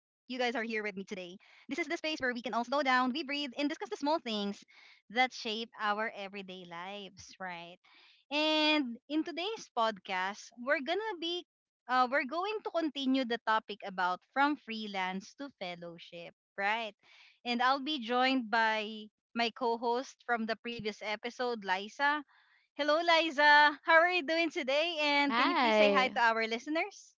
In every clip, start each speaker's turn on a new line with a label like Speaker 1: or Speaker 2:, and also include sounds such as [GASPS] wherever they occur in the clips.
Speaker 1: This is the space where we can all slow down, we breathe, and discuss the small things that shape our everyday lives, right? And in today's podcast, we're gonna be we're going to continue the topic about from freelance to fellowship, right? And I'll be joined by my co host from the previous episode, Liza. Hello, Liza. How are you doing today? And can you please say hi
Speaker 2: Hi.
Speaker 1: to our listeners?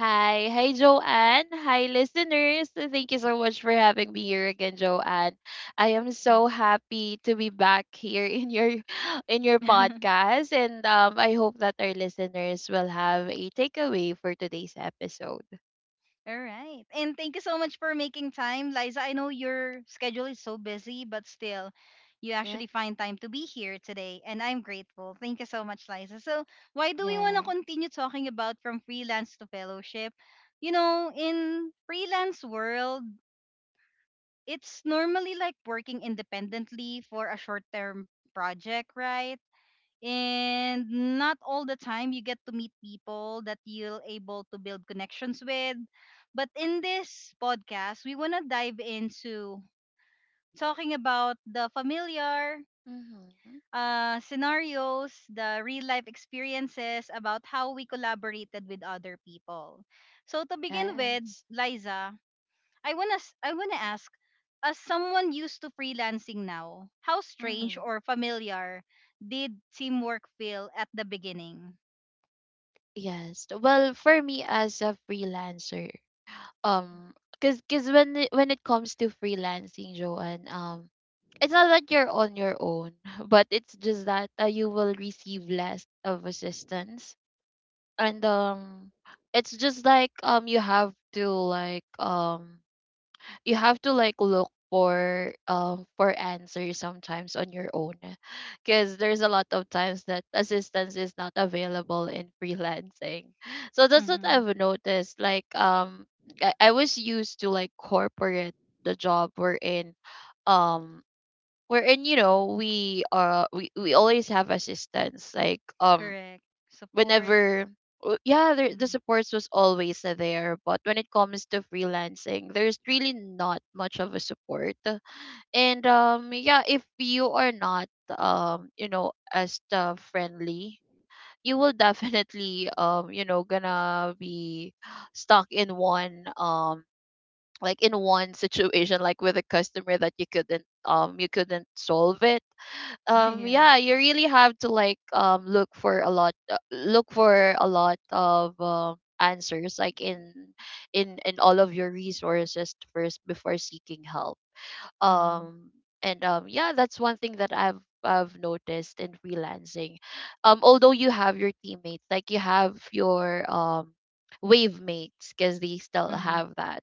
Speaker 2: Hi, Joanne. Hi, listeners. Thank you so much for having me here again, Joanne. I am so happy to be back here in your [LAUGHS] in your
Speaker 1: [LAUGHS]
Speaker 2: podcast. And I hope that our listeners will have a takeaway for today's episode.
Speaker 1: All right. And thank you so much for making time, Liza. I know your schedule is so busy, but still, you
Speaker 2: Yeah.
Speaker 1: actually find time to be here today. And I'm grateful. Thank you so much, Liza. So, why do we want to
Speaker 2: Yes.
Speaker 1: continue talking about from freelance to fellowship? You know, in freelance world, it's normally like working independently for a short term project, right? And not all the time you get to meet people that you'll able to build connections with. But in this podcast, we want to dive into talking about the familiar
Speaker 2: Mm-hmm.
Speaker 1: scenarios, the real life experiences about how we collaborated with other people. So to begin with,
Speaker 2: Yes.
Speaker 1: Liza, I wanna ask, as someone used to freelancing now, how strange
Speaker 2: Mm-hmm.
Speaker 1: or familiar did teamwork feel at the beginning?
Speaker 2: Yes. Well, for me as a freelancer, because when it comes to freelancing, Joanne. It's not that you're on your own, [LAUGHS] but it's just that you will receive less of assistance. And It's just like, you have to like, you have to like look for, for answers sometimes on your own, because there's a lot of times that assistance is not available in freelancing. So that's what
Speaker 1: Mm-hmm.
Speaker 2: I've noticed, like. I was used to like corporate, the job we're in. um Wherein, you know, we always have assistance, like.
Speaker 1: Correct. Supports.
Speaker 2: Whenever yeah, there, the
Speaker 1: Mhm.
Speaker 2: supports was always there, but when it comes to freelancing there's really not much of a support. And yeah, if you are not, you know, as the friendly, you will [LAUGHS] definitely, you know, gonna be stuck in one, like in one situation, like with a customer that you couldn't, you couldn't solve it.
Speaker 1: [LAUGHS] Yeah.
Speaker 2: Yeah, you really have to like, look for a lot, look for a lot of answers like in in all of your resources first before seeking help.
Speaker 1: Mm-hmm.
Speaker 2: Um and Yeah, that's one thing that I've noticed in freelancing. Although you have your teammates, like you have your wave mates, because they still
Speaker 1: Mm-hmm.
Speaker 2: have that.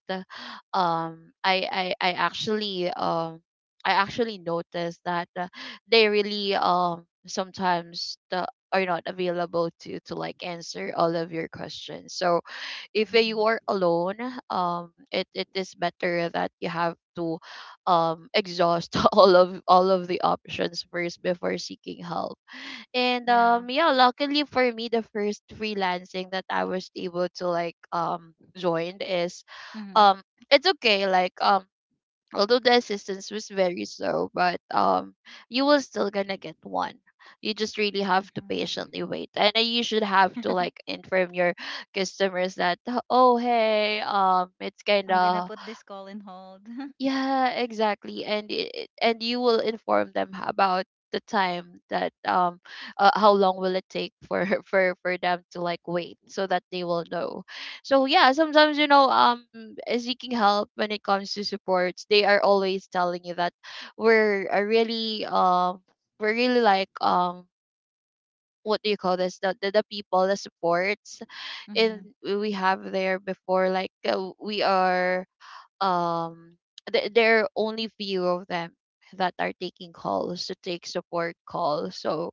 Speaker 2: I actually, I actually noticed that, they really, sometimes, the are not available to like answer all of your questions. So if you are
Speaker 1: Mm-hmm.
Speaker 2: alone, it is better that you have to exhaust [LAUGHS] all of the options first before seeking help. and
Speaker 1: Yeah.
Speaker 2: um yeah, luckily for me, the first freelancing that I was able to like join is,
Speaker 1: Mm-hmm.
Speaker 2: um it's okay, like. Although the assistance was very slow, but you will still gonna get one. You just really have to patiently
Speaker 1: Mm-hmm.
Speaker 2: wait, and then you should have to like
Speaker 1: [LAUGHS]
Speaker 2: inform your customers that, oh hey, it's kind
Speaker 1: I'm gonna
Speaker 2: of,
Speaker 1: put this call in hold. [LAUGHS] Mm-hmm.
Speaker 2: yeah, exactly. And and you will inform them about the time that, how long will it take for [LAUGHS] for them to like wait, so that they will know. So yeah, sometimes, you know, seeking help when it comes to supports, they are always telling you that, we're really we're really like, what do you call this, the people, the supports,
Speaker 1: Mm-hmm.
Speaker 2: and we have there before, like we are, um there are only few of them that are taking calls to take support calls. So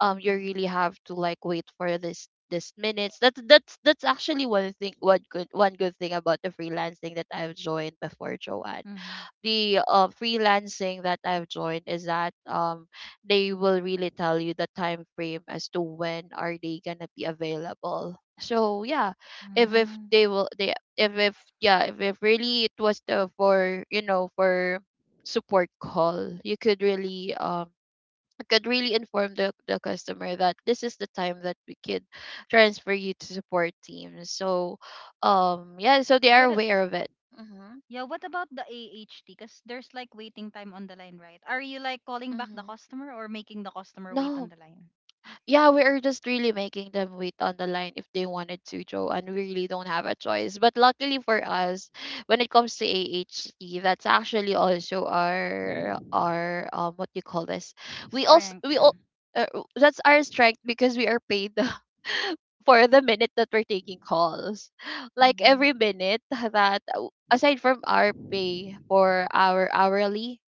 Speaker 2: you really have to like wait for this minutes. That's actually one thing, one good thing about the freelancing that I've joined before, Joanne.
Speaker 1: Mm-hmm.
Speaker 2: The freelancing that I've joined is that they will really tell you the time frame as to when are they gonna be available. So yeah, if
Speaker 1: Mm.
Speaker 2: they will they if yeah, if really it was the for, you know, for support call, you could really, I could really inform the customer that this is the time that we could transfer you to support team. So yeah, so they are
Speaker 1: What?
Speaker 2: aware of it. Mm-hmm.
Speaker 1: Yeah, what about the AHT? Because there's like waiting time on the line, right? Are you like calling back the
Speaker 2: Mm-hmm.
Speaker 1: customer or making the customer wait on the
Speaker 2: No,
Speaker 1: line?
Speaker 2: yeah, we are just really making them wait on the line if they wanted to, Joe, and we really don't have a choice. But luckily for us, when it comes to AHT, that's actually also our what do you call this?
Speaker 1: Strength.
Speaker 2: We all uh, that's our strength because we are paid [LAUGHS] for the minute that we're taking calls.
Speaker 1: [LAUGHS]
Speaker 2: Like every
Speaker 1: Hmm.
Speaker 2: minute that, aside from our pay for our hourly,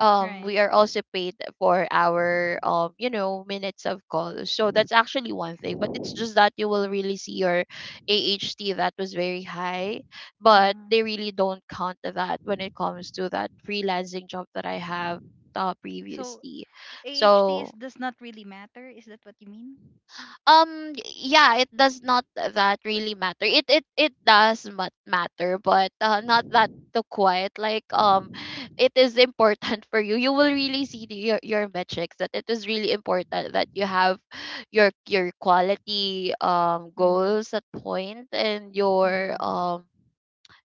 Speaker 1: Right.
Speaker 2: we are also paid for our, you know, minutes of calls. So that's actually one thing, but it's just that you will really see your AHT that was very high, but
Speaker 1: Hmm.
Speaker 2: they really don't count that when it comes to that freelancing job that I have
Speaker 1: So
Speaker 2: previously.
Speaker 1: AHT
Speaker 2: So
Speaker 1: is, does not really matter. Is that what you mean?
Speaker 2: um yeah, it does not that really matter. It does matter, but not that the quiet, like. It is important for you. You will really see your metrics, that it is really important that you have your quality
Speaker 1: Hmm.
Speaker 2: goals at point, and your
Speaker 1: Hmm.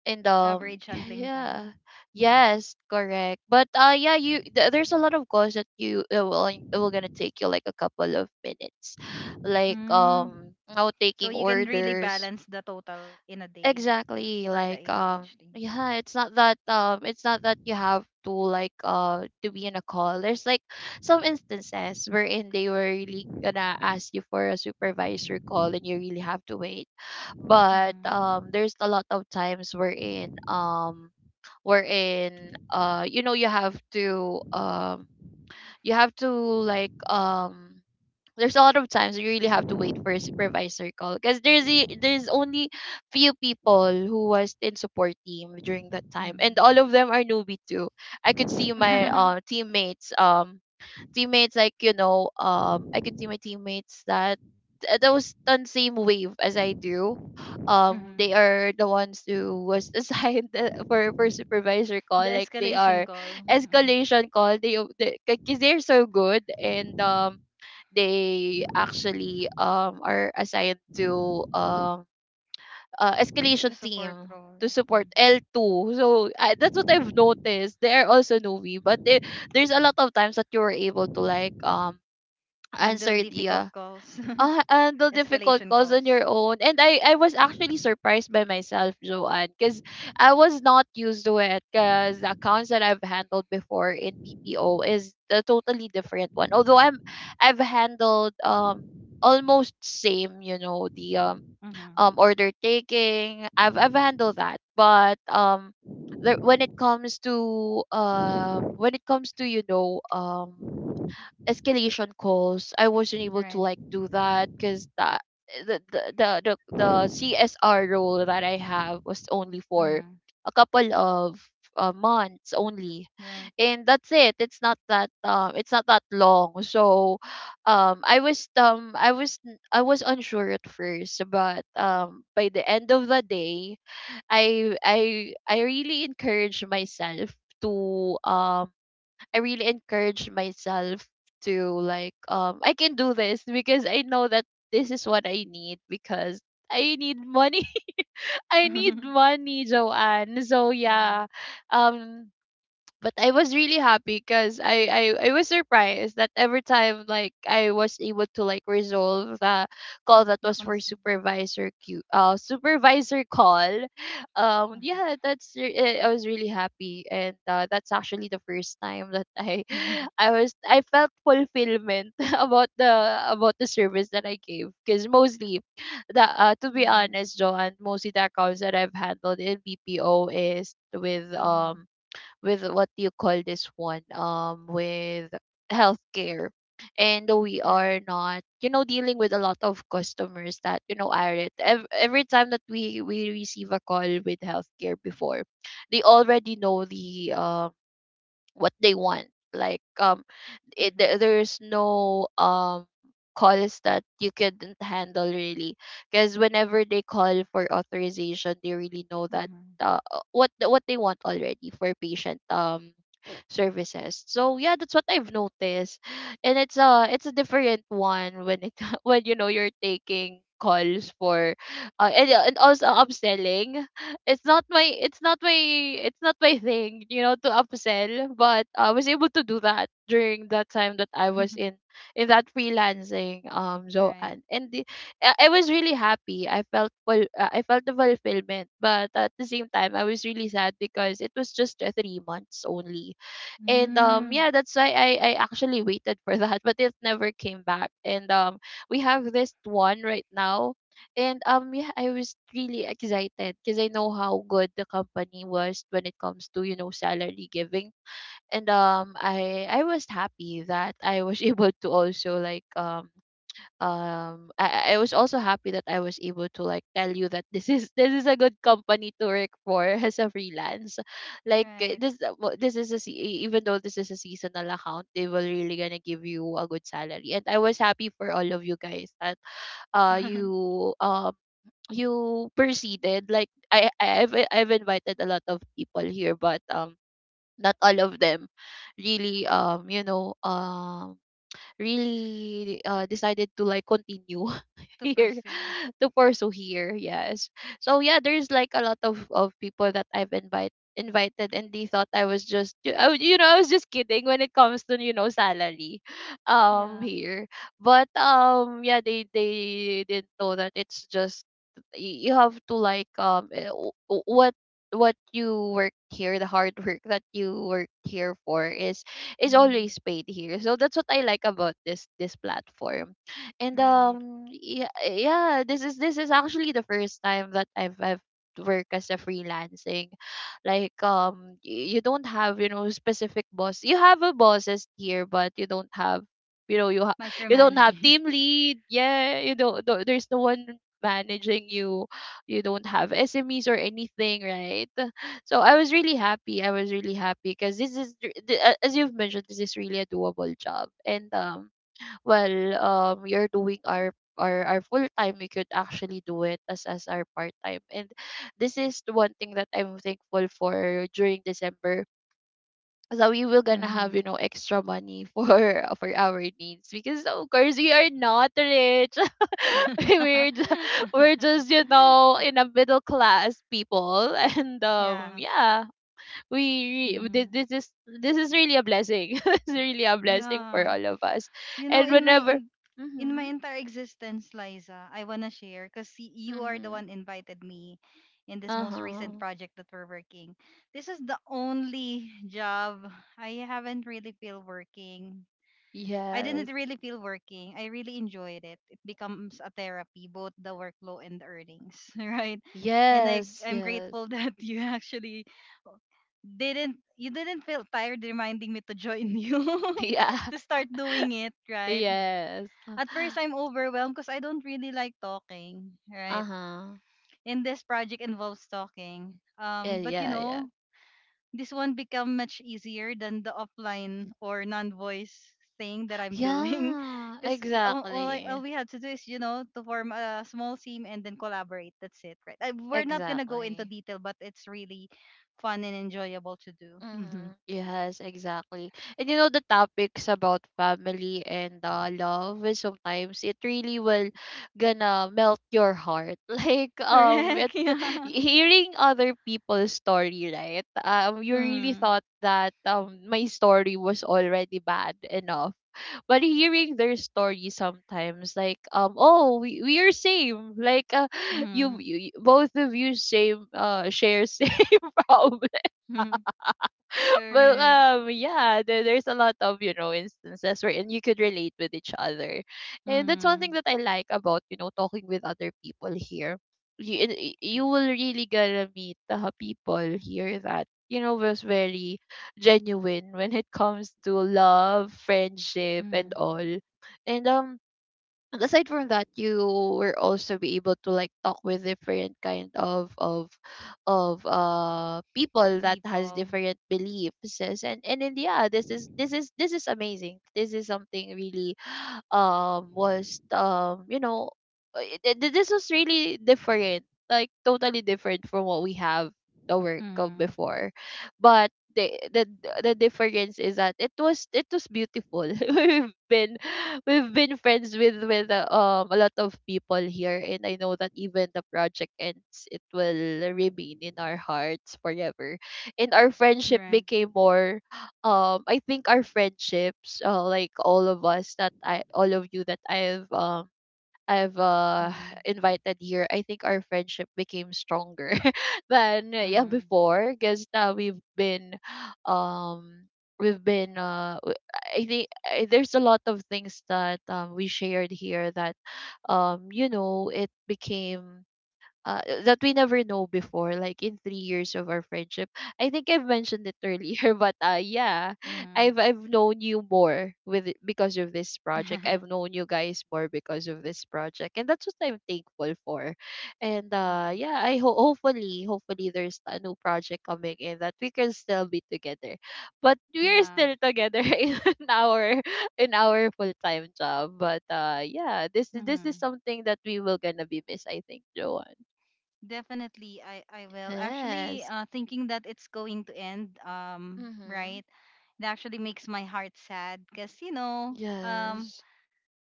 Speaker 2: and
Speaker 1: Average
Speaker 2: [LAUGHS]
Speaker 1: handling time.
Speaker 2: yeah. Yes, correct. But yeah, you there's a lot of calls that you will, it will gonna take you like a couple of minutes, like
Speaker 1: Mm.
Speaker 2: now taking
Speaker 1: So you can really
Speaker 2: orders,
Speaker 1: balance the total in a day
Speaker 2: exactly,
Speaker 1: for the
Speaker 2: like.
Speaker 1: AHT.
Speaker 2: Yeah, it's not that, it's not that you have to like to be in a call. There's like some instances wherein they were really gonna ask you for a supervisor call and you really have to wait. But
Speaker 1: Mm-hmm.
Speaker 2: there's a lot of times wherein, you know, you have to, you have to, like, there's a lot of times you really have to wait for a supervisor call, because there's only few people who was in support team during that time, and all
Speaker 1: Mm-hmm.
Speaker 2: of them are newbie too. I could see my
Speaker 1: Mm-hmm.
Speaker 2: teammates, teammates, like, you know, I could see my teammates that those on same wave as I do. They are the ones who was [LAUGHS] assigned for supervisor
Speaker 1: [LAUGHS]
Speaker 2: call,
Speaker 1: The
Speaker 2: like they are
Speaker 1: escalation call. Mhm.
Speaker 2: escalation call, they, because they're so good, and they actually are assigned to, escalation
Speaker 1: To support
Speaker 2: team,
Speaker 1: role.
Speaker 2: to support
Speaker 1: Mm-hmm.
Speaker 2: L2. So I, that's what I've noticed. They are also newbie, but there's a lot of times that you were able to like,
Speaker 1: Handle
Speaker 2: answer the,
Speaker 1: difficult calls,
Speaker 2: handle
Speaker 1: [LAUGHS]
Speaker 2: difficult
Speaker 1: escalation
Speaker 2: calls on your
Speaker 1: calls.
Speaker 2: own. And I was actually surprised by myself, Joanne, because I was not used to it, because the accounts that I've handled before in BPO is a totally different one. Although I've handled almost same, you know, the
Speaker 1: Mm-hmm.
Speaker 2: order taking, I've handled that. But when it comes to, when it comes to, you know, escalation calls, I wasn't able to
Speaker 1: Right.
Speaker 2: like do that, because that the CSR role that I have was only for
Speaker 1: Mm-hmm.
Speaker 2: a couple of months only,
Speaker 1: Right.
Speaker 2: and that's it. It's not that, it's not that long. So, I was, I was unsure at first, but by the end of the day, I really encourage myself to, I really encourage myself to, like, I can do this, because I know that this is what I need, because I need money. [LAUGHS] I need
Speaker 1: [LAUGHS]
Speaker 2: money, Joanne. So yeah.
Speaker 1: Right.
Speaker 2: Um but I was really happy, because I was surprised that every time, like, I was able to like resolve the call that
Speaker 1: The
Speaker 2: was for
Speaker 1: concern.
Speaker 2: supervisor call. Yeah, I was really happy, and that's actually the first time that I
Speaker 1: Mm-hmm.
Speaker 2: [LAUGHS] I felt fulfillment [LAUGHS] about the, about the service that I gave, because mostly the, to be
Speaker 1: Mm-hmm.
Speaker 2: honest, Joanne, mostly the accounts that I've handled in BPO is with,
Speaker 1: Mm-hmm. [LAUGHS]
Speaker 2: with, what do you call this one, with healthcare. And we
Speaker 1: Right.
Speaker 2: are not, you know, dealing with a lot of customers that, you know, are, every time that we receive a call with healthcare before, they already know the, what they want, like.
Speaker 1: Mm-hmm.
Speaker 2: There's no calls that you couldn't handle really, because whenever they call for authorization, they really know that,
Speaker 1: Mm-hmm.
Speaker 2: what they want already for patient services. So yeah, that's what I've noticed. And it's a, it's a different one, when it, [LAUGHS] when, you know, you're taking calls for, and also upselling. it's not my it's not my it's not my thing, you know, to upsell, but I was able to do that during that time that I was
Speaker 1: [LAUGHS]
Speaker 2: in that freelancing,
Speaker 1: Right.
Speaker 2: Zoan. and the, I was really happy. I felt the fulfillment, but at the same time, I was really sad, because it was just 3 months only. And
Speaker 1: Mm.
Speaker 2: yeah, that's why I actually waited for [LAUGHS] that, but it never came back. And we have this one right now. And yeah, I was really excited, because I know how good the company was when it comes to, you know, salary giving. And I was happy that I was [LAUGHS] able to also like I was also happy that I was able to like tell you that this is [LAUGHS] this is a good company to work for [LAUGHS] as a freelance.
Speaker 1: Right.
Speaker 2: This is a se- e, Even though this is a seasonal account, they will really gonna give you a good salary. And I was happy for all of you guys that uh
Speaker 1: [LAUGHS]
Speaker 2: you um you proceeded. Like I've invited a lot of people here, but not all of them really decided to like continue [LAUGHS]
Speaker 1: To
Speaker 2: here
Speaker 1: pursue.
Speaker 2: to pursue here, yes. So yeah, there's like a lot of people that I've invited, and they thought I was just I was just kidding when it comes to salary
Speaker 1: Yeah.
Speaker 2: here. But yeah, they didn't know that it's just, you have to like what you work here, the hard work that you work here for is
Speaker 1: Mm-hmm.
Speaker 2: always paid here. So that's what I like about this platform. And
Speaker 1: Right.
Speaker 2: um yeah, yeah, this is actually the first time that I've worked as a freelancing. Like you don't have, you know, specific boss. You have a bosses here, but you don't have, you know you ha- you don't have
Speaker 1: Micromanaging.
Speaker 2: team
Speaker 1: [LAUGHS]
Speaker 2: lead. Yeah, you don't there's no one managing you. You don't have SMEs or anything, right? So I was really happy. I was really happy because this is r- th- a- as you've mentioned, this is really a doable job. And well, you're doing our full time. We could actually do it as our part time. And this is the one thing that I'm thankful for during December. So we will gonna
Speaker 1: Mm-hmm.
Speaker 2: have, you know, extra money for [LAUGHS] for our needs, because of course we are not rich. [LAUGHS] we're ju-
Speaker 1: [LAUGHS]
Speaker 2: we're just, you know, in a middle class people. [LAUGHS] And
Speaker 1: Yeah.
Speaker 2: yeah, we re- this
Speaker 1: Mm-hmm.
Speaker 2: this is this is really a blessing. [LAUGHS] It's really a blessing for
Speaker 1: Yeah.
Speaker 2: all of us.
Speaker 1: You know,
Speaker 2: And
Speaker 1: in my
Speaker 2: whenever.
Speaker 1: in, in my
Speaker 2: Mm-hmm,
Speaker 1: entire existence, Liza, I wanna share because you are the
Speaker 2: mm-hmm,
Speaker 1: one invited me in this most recent
Speaker 2: uh-huh.
Speaker 1: project that we're working. This is the only job I haven't really feel working. I
Speaker 2: Yes.
Speaker 1: didn't really feel working. I really enjoyed it. It becomes a therapy, both the workload and the earnings, [LAUGHS] right? And I
Speaker 2: Yes,
Speaker 1: I'm
Speaker 2: yes. [LAUGHS]
Speaker 1: grateful [LAUGHS] that you actually didn't feel tired reminding me to join you [LAUGHS]
Speaker 2: Yeah.
Speaker 1: to start doing it right
Speaker 2: Yes.
Speaker 1: at first. I'm overwhelmed because I don't really like talking, right?
Speaker 2: Uh-huh.
Speaker 1: And this project involves talking.
Speaker 2: Yeah,
Speaker 1: But you
Speaker 2: yeah, yeah.
Speaker 1: know, this one become much easier than the offline or non-voice thing that I'm doing, [LAUGHS]
Speaker 2: Yeah,
Speaker 1: because all
Speaker 2: exactly.
Speaker 1: we have to do is you know to form a small team and then collaborate. That's it, right? We're not gonna go into
Speaker 2: Exactly.
Speaker 1: detail, but it's really fun and enjoyable to do. Hmm.
Speaker 2: Mm-hmm. Yes, exactly. And you know the topics about family and love is sometimes, it really will gonna melt your heart. [LAUGHS] Like it
Speaker 1: Correct. [LAUGHS] Yeah.
Speaker 2: Hearing other people's story, right? You really thought that my story was already bad enough. But hearing their story sometimes, like we, are same. Like you,
Speaker 1: Mm-hmm.
Speaker 2: both of you same, share same [LAUGHS] problem.
Speaker 1: [LAUGHS]
Speaker 2: Well,
Speaker 1: Correct.
Speaker 2: yeah, there's a lot of, you know, instances wherein you could relate with each other, and that's one
Speaker 1: Mm-hmm.
Speaker 2: thing that I like about, talking with other people here. You will really gonna meet the people here that, was very genuine when it comes to love, friendship, and
Speaker 1: Mm-hmm.
Speaker 2: all, and um and aside from that, you were also be able to like talk with different kind of people that has
Speaker 1: People.
Speaker 2: different beliefs, yes, and then yeah, this is amazing. This is something really [SIGHS] was you know this was really different, like totally different from what we have at work of
Speaker 1: Mm.
Speaker 2: before. But the the difference is that it was beautiful. [LAUGHS] we've been we've been friends with with a lot of people here, and I know that even the project ends, it will remain in our hearts forever. And our friendship
Speaker 1: Right.
Speaker 2: became more I think our friendships, like all of us that I all of you that I've I've uh,
Speaker 1: Mm,
Speaker 2: [SIGHS] invited here, I think our friendship became stronger. [LAUGHS] Than yeah,
Speaker 1: mm,
Speaker 2: before, because now um we've been uh w- I think there's a lot of things that we shared here that it became, that we never know before, like in 3 years of our friendship. I think I've mentioned it earlier, [LAUGHS] but yeah,
Speaker 1: mm,
Speaker 2: I've known you more because of this
Speaker 1: [LAUGHS]
Speaker 2: project. I've
Speaker 1: mm.
Speaker 2: known you guys more because of this project, and that's what I'm thankful for. And yeah, I ho- hopefully hopefully there's a new project coming in that we can still be together, but we're
Speaker 1: Yeah.
Speaker 2: still together [LAUGHS] in our in our full time job. But yeah, this is
Speaker 1: Mm.
Speaker 2: something that we will gonna be miss, I think, Joanne.
Speaker 1: Definitely, I will. Actually,
Speaker 2: Yes.
Speaker 1: thinking that it's going to end,
Speaker 2: Mhm.
Speaker 1: right, it actually makes my heart sad because, you know, um,
Speaker 2: Yes.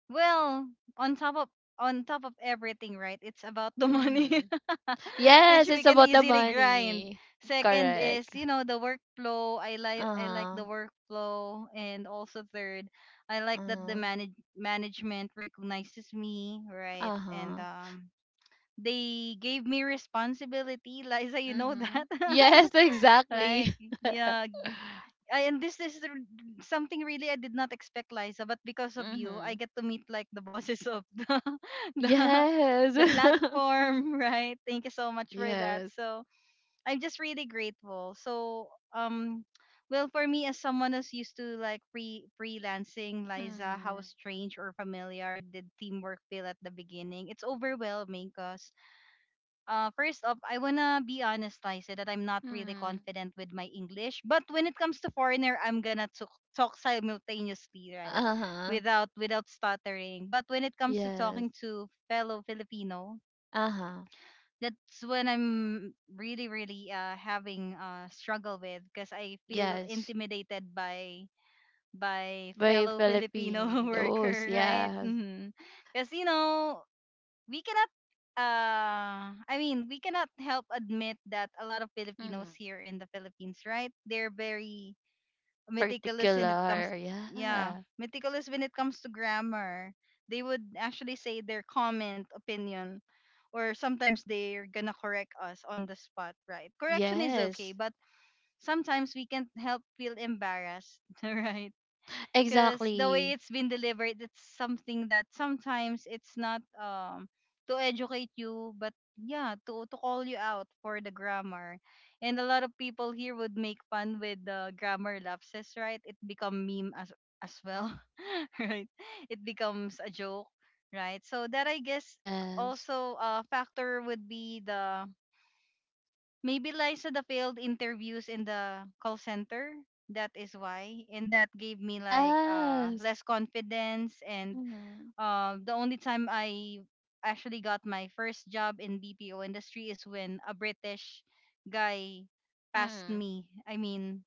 Speaker 1: well, on top of on top of everything, right? It's about the money,
Speaker 2: Mhm.
Speaker 1: [LAUGHS] which
Speaker 2: Yes,
Speaker 1: we
Speaker 2: it's
Speaker 1: can
Speaker 2: about the
Speaker 1: easily grind.
Speaker 2: money.
Speaker 1: Second is,
Speaker 2: Correct.
Speaker 1: you know, the workflow. I like the
Speaker 2: Uh-huh.
Speaker 1: workflow, and also third, I like that the
Speaker 2: Uh-huh.
Speaker 1: management recognizes me, right? And
Speaker 2: Uh-huh.
Speaker 1: they gave me responsibility, Liza. You know
Speaker 2: Mhm.
Speaker 1: that,
Speaker 2: Yes,
Speaker 1: [LAUGHS] like
Speaker 2: exactly.
Speaker 1: yeah,
Speaker 2: [LAUGHS]
Speaker 1: I, and this is r- something really I did not expect, Liza. But because of you, I
Speaker 2: Mhm.
Speaker 1: get to meet like the bosses of the [LAUGHS] the,
Speaker 2: Yes.
Speaker 1: the
Speaker 2: [LAUGHS]
Speaker 1: platform, [LAUGHS] right? Thank you so much for that.
Speaker 2: Yes.
Speaker 1: So I'm just really grateful. So um, well, for me as someone who's used to like freelancing, Liza, how
Speaker 2: Mhm.
Speaker 1: strange or familiar did teamwork feel at the beginning? It's overwhelming, cause first off, I wanna be honest, I said that I'm not really
Speaker 2: Mhm.
Speaker 1: confident with my English. But when it comes to foreigner, talk simultaneously, right?
Speaker 2: Uh-huh.
Speaker 1: Without stuttering. But when it comes to
Speaker 2: Yes.
Speaker 1: talking to fellow Filipino,
Speaker 2: Uh-huh.
Speaker 1: that's when I'm really having a struggle with because I feel
Speaker 2: Yes.
Speaker 1: intimidated by
Speaker 2: Very
Speaker 1: fellow Filipino [LAUGHS]
Speaker 2: Filipinos.
Speaker 1: worker, right?
Speaker 2: Yes.
Speaker 1: Because you know, we cannot we cannot help admit that a lot of Filipinos
Speaker 2: Mhm.
Speaker 1: here in the Philippines, right? They're very meticulous when it comes.
Speaker 2: Particular.
Speaker 1: Yeah,
Speaker 2: Yeah.
Speaker 1: meticulous when it comes to grammar. They would actually say their comment, opinion, or sometimes they're gonna correct us on the spot, right? Correction is okay,
Speaker 2: Yes.
Speaker 1: but sometimes we can't help feel embarrassed, [LAUGHS] right? Because the way
Speaker 2: Exactly.
Speaker 1: it's been delivered, it's something that sometimes it's not to educate you, but yeah, to call you out for the grammar. And a lot of people here would make fun with the grammar lapses, right? It become meme as well. [LAUGHS] Right. It becomes a joke, right? So that, I guess,
Speaker 2: Yes.
Speaker 1: also a factor would be the, maybe Liza, the failed interviews in the call center. That is why. And that gave me like
Speaker 2: Yes.
Speaker 1: less confidence and
Speaker 2: Mhm.
Speaker 1: the only time I actually got my first job in BPO industry is when a British guy passed
Speaker 2: Mm.
Speaker 1: me. I mean,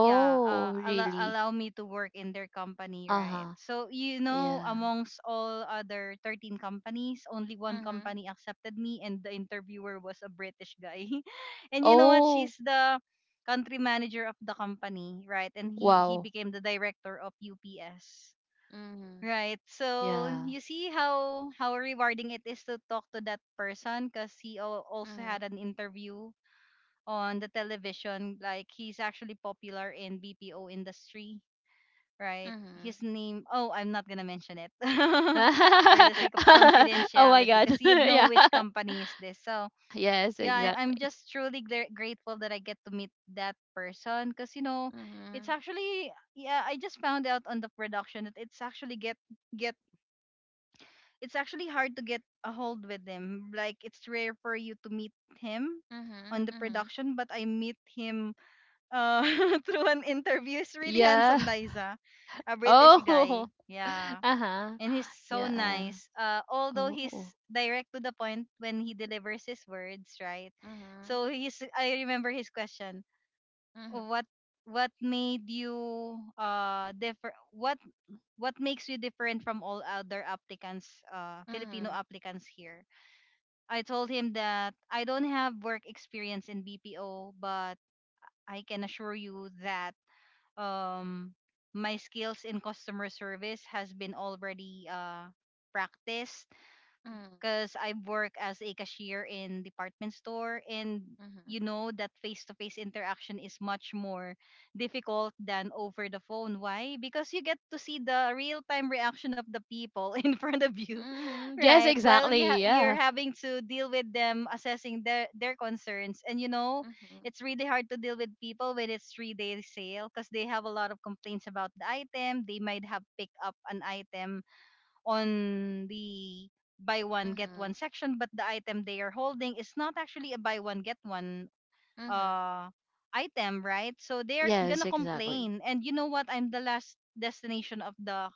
Speaker 1: yeah,
Speaker 2: really?
Speaker 1: allow me to work in their company, right?
Speaker 2: Uh-huh.
Speaker 1: So you know,
Speaker 2: Yeah.
Speaker 1: amongst all other 13 companies, only one
Speaker 2: Mhm.
Speaker 1: company accepted me, and the interviewer was a British guy. [LAUGHS] And you know what,
Speaker 2: Oh,
Speaker 1: she's the country manager of the company, right? And he
Speaker 2: wow.
Speaker 1: became the director of UPS,
Speaker 2: Mhm.
Speaker 1: right? So
Speaker 2: Yeah.
Speaker 1: you see how rewarding it is to talk to that person, because he also had
Speaker 2: Mhm.
Speaker 1: an interview on the television. Like he's actually popular in BPO industry, right?
Speaker 2: Mhm.
Speaker 1: His name. Oh, I'm not gonna mention it [LAUGHS] for the sake of
Speaker 2: [LAUGHS] Oh my
Speaker 1: confidentiality,
Speaker 2: God.
Speaker 1: because
Speaker 2: [LAUGHS]
Speaker 1: you'd know
Speaker 2: Yeah.
Speaker 1: which company is this. So
Speaker 2: Yes,
Speaker 1: yeah, I'm
Speaker 2: exactly.
Speaker 1: just truly grateful that I get to meet that person, because you know, it's
Speaker 2: Mhm.
Speaker 1: actually yeah. I just found out on the production that it's actually get get. It's actually hard to get a hold with him. Like it's rare for you to meet him
Speaker 2: Mhm.
Speaker 1: on the
Speaker 2: Mhm.
Speaker 1: production, but I meet him uh, [LAUGHS] through an interview. He's really
Speaker 2: Yeah.
Speaker 1: handsome,
Speaker 2: [LAUGHS]
Speaker 1: Liza. A British
Speaker 2: Oh.
Speaker 1: guy.
Speaker 2: [LAUGHS]
Speaker 1: Yeah.
Speaker 2: Uh-huh.
Speaker 1: And he's so
Speaker 2: Yeah.
Speaker 1: nice. Although he's
Speaker 2: Oh.
Speaker 1: direct to the point when he delivers his words, right?
Speaker 2: Mhm.
Speaker 1: So he's I remember his question.
Speaker 2: Mhm.
Speaker 1: What what made you uh differ what what makes you different from all other applicants, Filipino
Speaker 2: Mhm.
Speaker 1: applicants here? I told him that I don't have work experience in BPO, but I can assure you that um my skills in customer service has been already practiced
Speaker 2: Mhm.
Speaker 1: because I work as a cashier in department store and
Speaker 2: Mhm.
Speaker 1: you know that face-to-face interaction is much more difficult than over the phone. Why? Because you get to see the real-time reaction of the people [LAUGHS] in front of you,
Speaker 2: Mhm. Yes,
Speaker 1: right? While you
Speaker 2: exactly.
Speaker 1: you're
Speaker 2: Yeah.
Speaker 1: having to deal with them assessing their concerns, and you know
Speaker 2: Mhm.
Speaker 1: it's really hard to deal with people when it's three-day sale because they have a lot of complaints about the item. They might have picked up an item on the buy one get
Speaker 2: Mhm.
Speaker 1: one section, but the item they are holding is not actually a buy one get one
Speaker 2: Mhm.
Speaker 1: uh item, right? So they're
Speaker 2: Yes,
Speaker 1: gonna
Speaker 2: exactly.
Speaker 1: complain, and you know what, I'm the last destination of the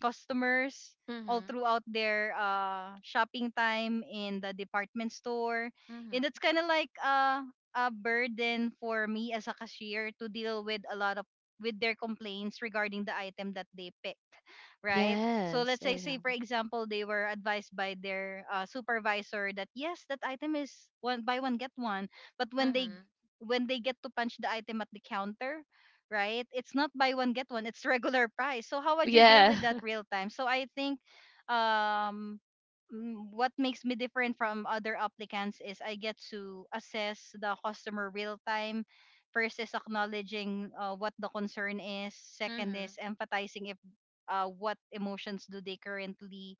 Speaker 1: customers all
Speaker 2: Mhm.
Speaker 1: throughout their shopping time in the department store.
Speaker 2: Mhm.
Speaker 1: And it's kind of like a burden for me as a cashier to deal with a lot of with their complaints regarding the item that they picked, right? So
Speaker 2: Yes,
Speaker 1: let's say, for
Speaker 2: exactly.
Speaker 1: example, they were advised by their supervisor that yes, that item is one buy one get one, but when they
Speaker 2: Mhm.
Speaker 1: get to punch the item at the counter, right? It's not buy one get one, it's regular price. So how would you deal
Speaker 2: Yeah.
Speaker 1: with that
Speaker 2: [LAUGHS]
Speaker 1: real time? So I think um what makes me different from other applicants is I get to assess the customer real time. First is acknowledging what the concern is. Second
Speaker 2: Mhm.
Speaker 1: is empathizing if what emotions do they currently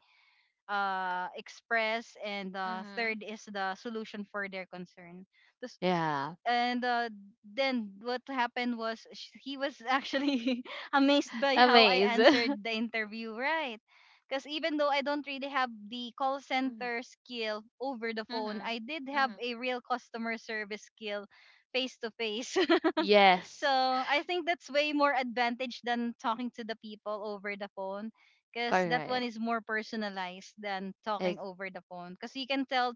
Speaker 1: express. And
Speaker 2: Mhm.
Speaker 1: third is the solution for their concern. Tas-
Speaker 2: Yeah.
Speaker 1: and Then what happened was he was actually [LAUGHS] amazed by how I
Speaker 2: Amazing.
Speaker 1: answered the
Speaker 2: [LAUGHS]
Speaker 1: interview, right? Because even though I don't really have the call
Speaker 2: Mhm.
Speaker 1: center skill over the phone,
Speaker 2: Mhm.
Speaker 1: I did have
Speaker 2: Mhm.
Speaker 1: a real customer service skill face to face. [LAUGHS] So
Speaker 2: Yes.
Speaker 1: I think that's way more advantage than talking to the people over the phone, because that one
Speaker 2: Correct.
Speaker 1: is more personalized than talking
Speaker 2: Ex-
Speaker 1: over the phone, because you can tell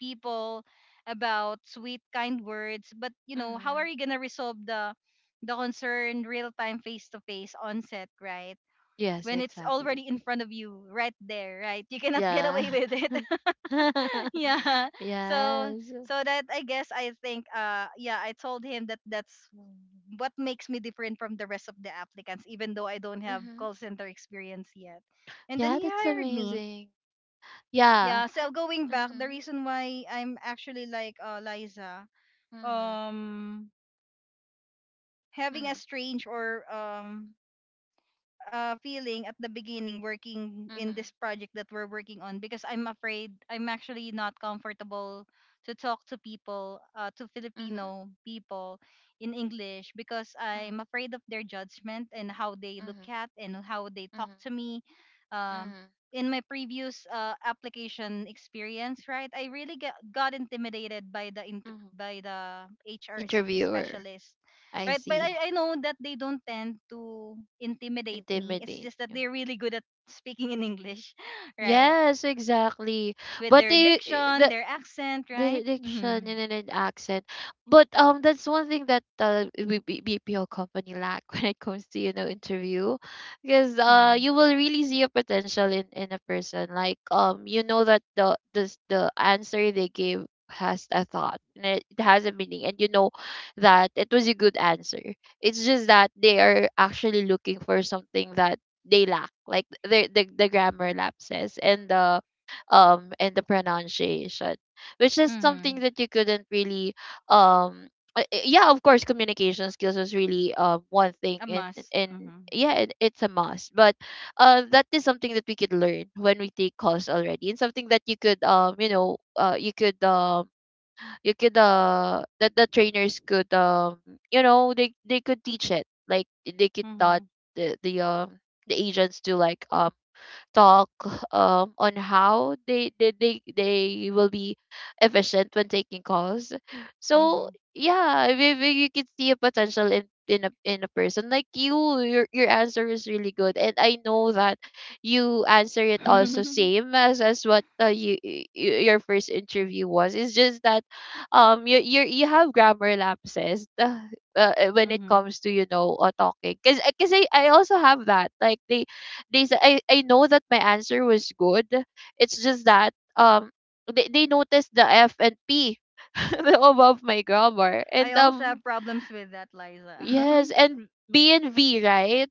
Speaker 1: people about sweet kind words, but you know how are
Speaker 2: Mhm.
Speaker 1: you going to resolve the concern real time, face to face, on set, right?
Speaker 2: Yes,
Speaker 1: When it's
Speaker 2: exactly.
Speaker 1: already in front of you right there, right? You cannot [LAUGHS] get
Speaker 2: Yeah.
Speaker 1: away with it. [LAUGHS]
Speaker 2: [LAUGHS]
Speaker 1: Yeah. So
Speaker 2: Yes.
Speaker 1: So that, I think, yeah, I told him that that's what makes me different from the rest of the applicants, even though I don't have
Speaker 2: Mhm.
Speaker 1: call center experience yet. And then
Speaker 2: Yeah,
Speaker 1: he
Speaker 2: that's
Speaker 1: hired me.
Speaker 2: amazing.
Speaker 1: Yeah,
Speaker 2: Yeah.
Speaker 1: so going back, the
Speaker 2: Mhm.
Speaker 1: reason why I'm actually like, Liza,
Speaker 2: Mhm,
Speaker 1: um having a
Speaker 2: mhm,
Speaker 1: strange or feeling at the beginning working in
Speaker 2: mhm,
Speaker 1: this project that we're working on, because I'm afraid, I'm actually not comfortable to talk to people, to
Speaker 2: mhm,
Speaker 1: Filipino people in English, because
Speaker 2: mhm,
Speaker 1: I'm afraid of their judgment and how they look
Speaker 2: mhm,
Speaker 1: at and how they talk
Speaker 2: mhm,
Speaker 1: to me. um
Speaker 2: mhm,
Speaker 1: in my previous application experience, right, I really got intimidated by the
Speaker 2: mhm.
Speaker 1: by the HR
Speaker 2: Interviewer.
Speaker 1: specialist.
Speaker 2: I
Speaker 1: Right, but
Speaker 2: see.
Speaker 1: I know that they don't tend to intimidate me. It's
Speaker 2: Intimidate.
Speaker 1: just that
Speaker 2: Mm.
Speaker 1: they're really good at speaking in English, [LAUGHS] right?
Speaker 2: Yes, exactly.
Speaker 1: With
Speaker 2: But
Speaker 1: their
Speaker 2: they,
Speaker 1: diction, their accent,
Speaker 2: the
Speaker 1: right?
Speaker 2: diction
Speaker 1: Mm-hmm.
Speaker 2: and then an accent. But that's one thing that, we BPO company lack [LAUGHS] when it comes to, interview. Because
Speaker 1: Mm-hmm.
Speaker 2: you will really see a potential in a person. Like you know that the answer they gave has a thought, and it has a meaning, and you know that it was a good answer. It's just that they are actually looking for something that they lack. Like the grammar lapses and the pronunciation, which is something
Speaker 1: Mm-hmm.
Speaker 2: that you couldn't really um yeah, of course, communication skills was really one thing,
Speaker 1: A
Speaker 2: and
Speaker 1: must.
Speaker 2: and
Speaker 1: Mm-hmm.
Speaker 2: yeah, it's a must. But that is something that we could learn when we take calls already, and something that you could that the trainers could you know, they could teach it, like they could taught
Speaker 1: Mm-hmm.
Speaker 2: the agents to like talk, on how they will be efficient when taking calls. So
Speaker 1: Mm-hmm.
Speaker 2: yeah, I mean, you can see a potential in a person like you. Your answer is really good, and I know that you answer it also
Speaker 1: [LAUGHS]
Speaker 2: same as what, your first interview was. It's just that you have grammar lapses [LAUGHS] when it
Speaker 1: Mm-hmm.
Speaker 2: comes to, you know, talking, because I also have that, like they said I know that my answer was good. It's just that they noticed the F&P [LAUGHS] above my grammar.
Speaker 1: I
Speaker 2: And
Speaker 1: also
Speaker 2: um
Speaker 1: have problems with that,
Speaker 2: yes,
Speaker 1: Liza.
Speaker 2: and B&V, right?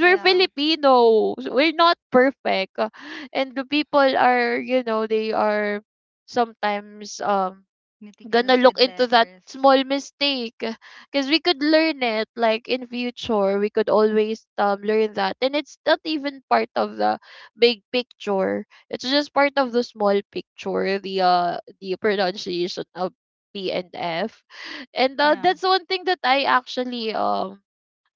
Speaker 1: [LAUGHS]
Speaker 2: we're
Speaker 1: Yeah,
Speaker 2: Filipino. We're not perfect. And the people are, you know, they are sometimes gonna
Speaker 1: meticulous
Speaker 2: look
Speaker 1: with
Speaker 2: into that
Speaker 1: letters.
Speaker 2: small mistake, because we could learn it, like in future we could always learn that. And it's not even part of the big picture, it's just part of the small picture, the pronunciation of P and F. And
Speaker 1: Yeah.
Speaker 2: that's one thing that I actually um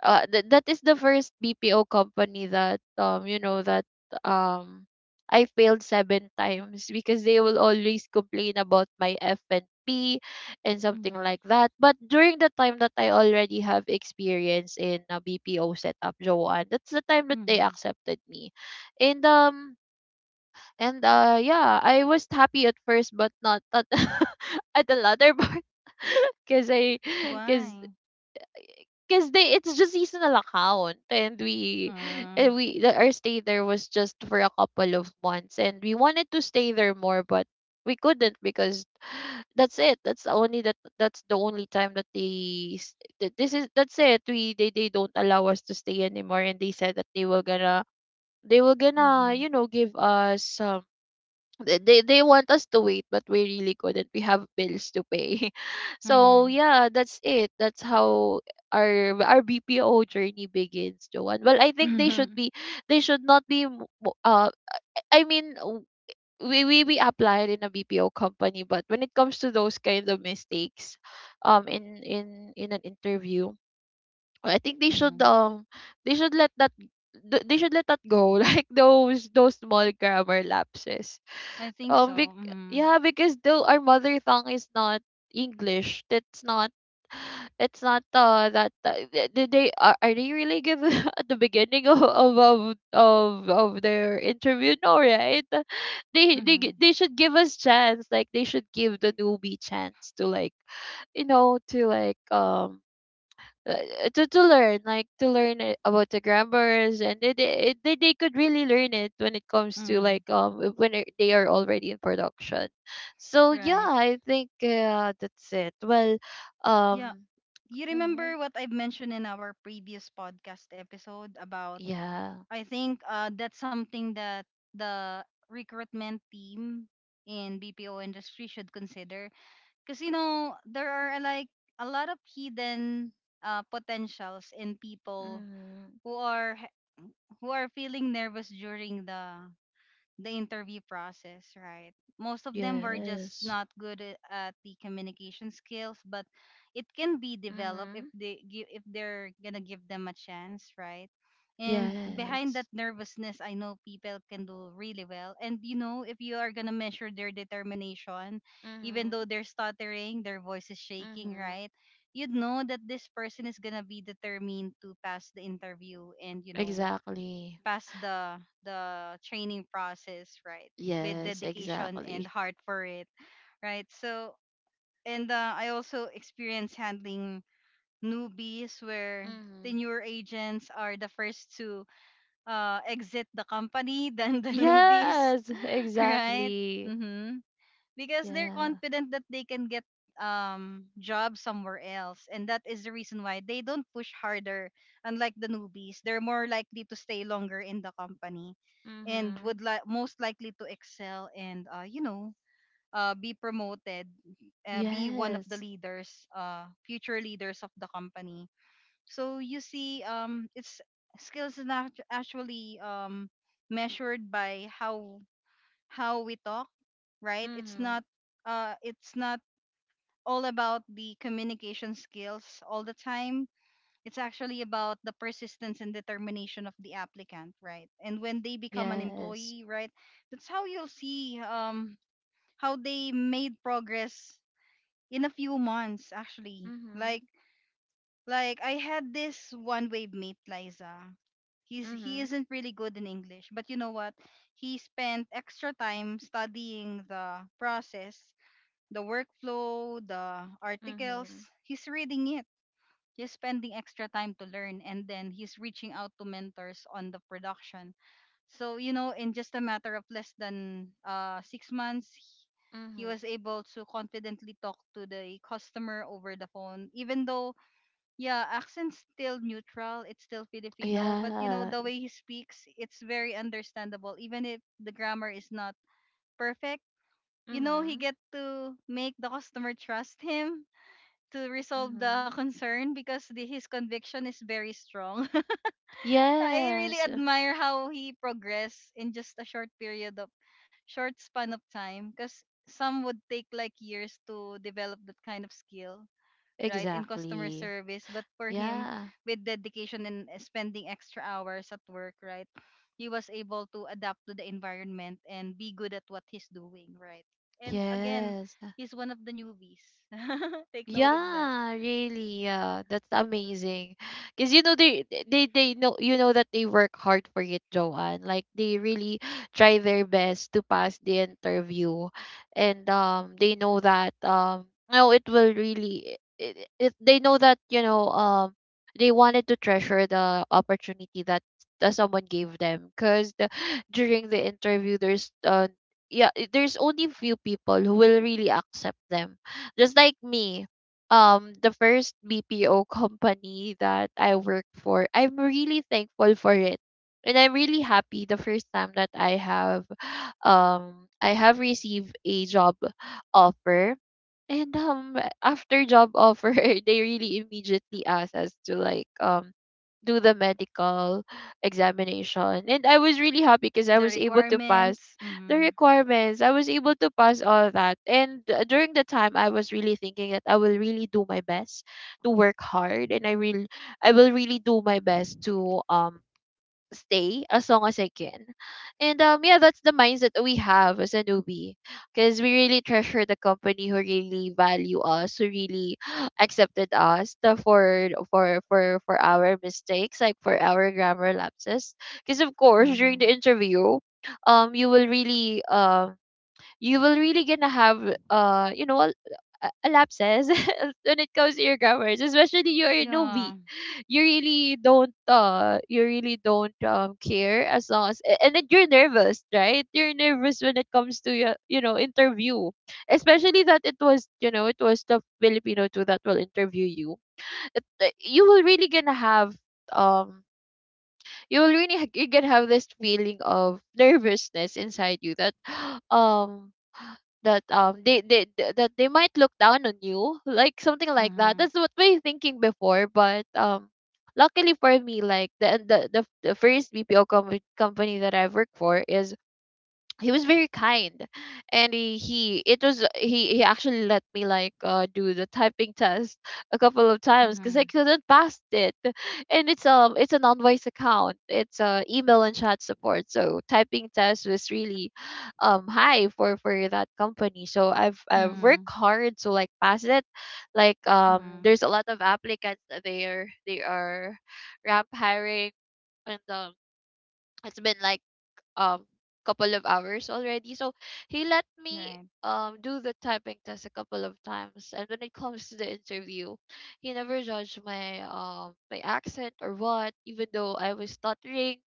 Speaker 2: uh, th- that is the first BPO company that um I failed 7 times, because they will always complain about my F&P and P and something
Speaker 1: Mm-hmm.
Speaker 2: like that. But during the time that I already have experience in a BPO setup, Joanne, that's the time that they
Speaker 1: Mm-hmm.
Speaker 2: accepted me. And um and yeah, I was happy at first but not at, [LAUGHS] at the latter part [LAUGHS] because I because
Speaker 1: Why?
Speaker 2: because they it's just seasonal account and we
Speaker 1: Mm-hmm.
Speaker 2: and we the, our stay there was just for a couple of months and we wanted to stay there more but we couldn't because that's the only time that they s- that this is that's it we they don't allow us to stay anymore, and they said that they were gonna
Speaker 1: Mm-hmm.
Speaker 2: you know give us they want us to wait, but we really couldn't, we have bills to pay. [LAUGHS] So yeah, that's it. That's how our BPO journey begins, Joanne. Well, I think they should
Speaker 1: Mm-hmm.
Speaker 2: be, they should not be I mean we applied in a BPO company, but when it comes to those kind of mistakes in an interview, I think they should let that, they should let that go, [LAUGHS] like those small grammar lapses.
Speaker 1: [LAUGHS] I think
Speaker 2: um,
Speaker 1: so.
Speaker 2: bec-
Speaker 1: Mhm.
Speaker 2: yeah, because though our mother tongue is not English, that's not, it's not did they are they really give [LAUGHS] at the beginning of their interview? No, right? [LAUGHS]
Speaker 1: Mm-hmm.
Speaker 2: They should give us chance, like they should give the newbie chance to like you know to like to learn, like to learn it about the grammars. And they could really learn it when it comes to
Speaker 1: Mm-hmm.
Speaker 2: like when they are already in production. So yeah,
Speaker 1: Right.
Speaker 2: I think that's it. Well,
Speaker 1: Yeah.
Speaker 2: um
Speaker 1: You
Speaker 2: mhm,
Speaker 1: remember what I've mentioned in our previous podcast episode about?
Speaker 2: yeah.
Speaker 1: I think that's something that the recruitment team in BPO industry should consider, because you know there are like a lot of hidden potentials in people
Speaker 2: Mm.
Speaker 1: who are who are feeling nervous during the interview process, right? Most of them were just
Speaker 2: Yes.
Speaker 1: not good at the communication skills, but it can be developed if
Speaker 2: Mm-hmm.
Speaker 1: they give, if they're gonna give them a chance, right? And behind that
Speaker 2: Yes.
Speaker 1: nervousness, I know people can do really well. And you know, if you are gonna measure their determination, even though
Speaker 2: Mm-hmm.
Speaker 1: they're stuttering, their voice is shaking,
Speaker 2: Mm-hmm.
Speaker 1: right? You'd know that this person is gonna be determined to pass the interview, and you know,
Speaker 2: Exactly.
Speaker 1: pass the training process, right? With
Speaker 2: Yes,
Speaker 1: dedication and
Speaker 2: exactly.
Speaker 1: heart for it, right? So, and I also experience handling newbies, where the
Speaker 2: Mm-hmm.
Speaker 1: newer agents are the first to exit the company than the [LAUGHS] newbies.
Speaker 2: Yes, [LAUGHS]
Speaker 1: [LAUGHS] Right.
Speaker 2: exactly.
Speaker 1: Mm-hmm. Because they're
Speaker 2: Yeah.
Speaker 1: confident that they can get job somewhere else, and that is the reason why they don't push harder. Unlike the newbies, they're more likely to stay longer in the company and
Speaker 2: Mm-hmm.
Speaker 1: would most likely to excel and you know, be promoted, be one of the
Speaker 2: Yes.
Speaker 1: leaders, future leaders of the company. So you see, it's, skills is not actually measured by how we talk, right?
Speaker 2: Mhm.
Speaker 1: It's not all about the communication skills all the time. It's actually about the persistence and determination of the applicant, right? And when they become an
Speaker 2: Yes.
Speaker 1: employee, right? That's how you'll see how they made progress in a few months, actually.
Speaker 2: Mhm.
Speaker 1: Like I had this one wave mate, Liza. He
Speaker 2: Mhm.
Speaker 1: isn't really good in English, but you know what? He spent extra time studying the process, the workflow, the articles.
Speaker 2: Mhm.
Speaker 1: He's reading it. He's spending extra time to learn, and then he's reaching out to mentors on the production. So, you know, in just a matter of less than 6 months, he was
Speaker 2: Mhm.
Speaker 1: able to confidently talk to the customer over the phone. Even though, yeah, accent's still neutral, it's still Filipino, but you know,
Speaker 2: Yeah.
Speaker 1: the way he speaks, it's very understandable, even if the grammar is not perfect, you know, he
Speaker 2: Mhm.
Speaker 1: get to make the customer trust him to resolve the [LAUGHS]
Speaker 2: Mhm.
Speaker 1: concern, because his conviction is very strong. [LAUGHS] I really
Speaker 2: Yes.
Speaker 1: admire how he progressed in just a short period of short span of time, because some would take like years to develop that kind of skill, right, in customer
Speaker 2: Exactly.
Speaker 1: service, but for him,
Speaker 2: Yeah.
Speaker 1: with dedication and spending extra hours at work, right, he was able to adapt to the environment and be good at what he's doing, right? And again,
Speaker 2: Yes.
Speaker 1: he's one of the newbies. [LAUGHS] Take note of that.
Speaker 2: Yeah, really. Yeah,
Speaker 1: Yeah.
Speaker 2: that's
Speaker 1: Mm-hmm.
Speaker 2: amazing. Cause you know they know, you know, that they work hard for it, Joanne. Like they really try their best to pass the interview, and they know that no, it will really, it they know that, you know, they wanted to treasure the opportunity that someone gave them. Cause during the interview there's yeah, there's only few people who will really accept them, just like me. The first BPO [LAUGHS] company that I worked for, I'm really thankful for it. And I'm really happy the first time that I have received a job offer. And after job offer, [LAUGHS] they really immediately asked us to like do the medical examination. And I was really happy because I
Speaker 1: The
Speaker 2: was able to pass
Speaker 1: requirements.
Speaker 2: the
Speaker 1: Mhm.
Speaker 2: requirements. I was able to pass all that. And during the time I was really thinking that I will really do my best to work hard, and I will really do my best to stay as long as I can. And yeah, that's the mindset that we have as a newbie. Because we really treasure the company who really value us, who really [GASPS] accepted us the for our mistakes, like for our grammar lapses. Because of course during the
Speaker 1: Mhm.
Speaker 2: interview, um you will really um you will really gonna have you know a lapses [LAUGHS] when it comes to your grammars, especially you're a newbie.
Speaker 1: Yeah.
Speaker 2: You really don't you really don't care, as long as and then you're nervous, right? You're nervous when it comes to your you know interview, especially that it was you know it was the Filipino too that will interview you. You will really gonna have um you will really you can have this feeling of nervousness inside you that [GASPS] um that that they might look down on you, like something like that,
Speaker 1: Mhm.
Speaker 2: that's what we're thinking before. But luckily for me, like the first BPO company that I work for is, he was very kind. And he it was he actually let me like do the typing test a couple of times because I
Speaker 1: Mhm.
Speaker 2: couldn't pass it. And it's an unwise account, it's email and chat support, so typing test was really high for that company, so I've worked
Speaker 1: Mhm.
Speaker 2: hard to like pass it. Like
Speaker 1: Mhm.
Speaker 2: there's a lot of applicants that they are ramp hiring. And it's been like um couple of hours already. So he let me
Speaker 1: Right.
Speaker 2: do the typing test a couple of times. And when it comes to the interview, he never judged my my accent or what, even though I was stuttering.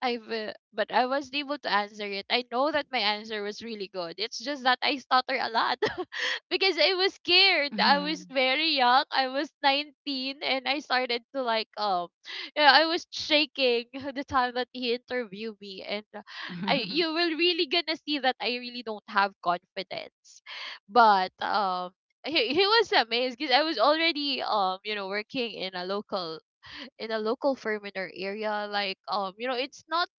Speaker 2: I've But I was able to answer it. I know that my answer was really good. It's just that I stutter a lot [LAUGHS] because I was scared. I was
Speaker 1: Mhm.
Speaker 2: very young. I was 19 and I started to like [SIGHS] yeah, I was shaking [LAUGHS] the time that he interviewed me. And I, you will really gonna see that I really don't have confidence. But he was amazed because I was already you know working in a local, in a local firm in our area, like you know it's not,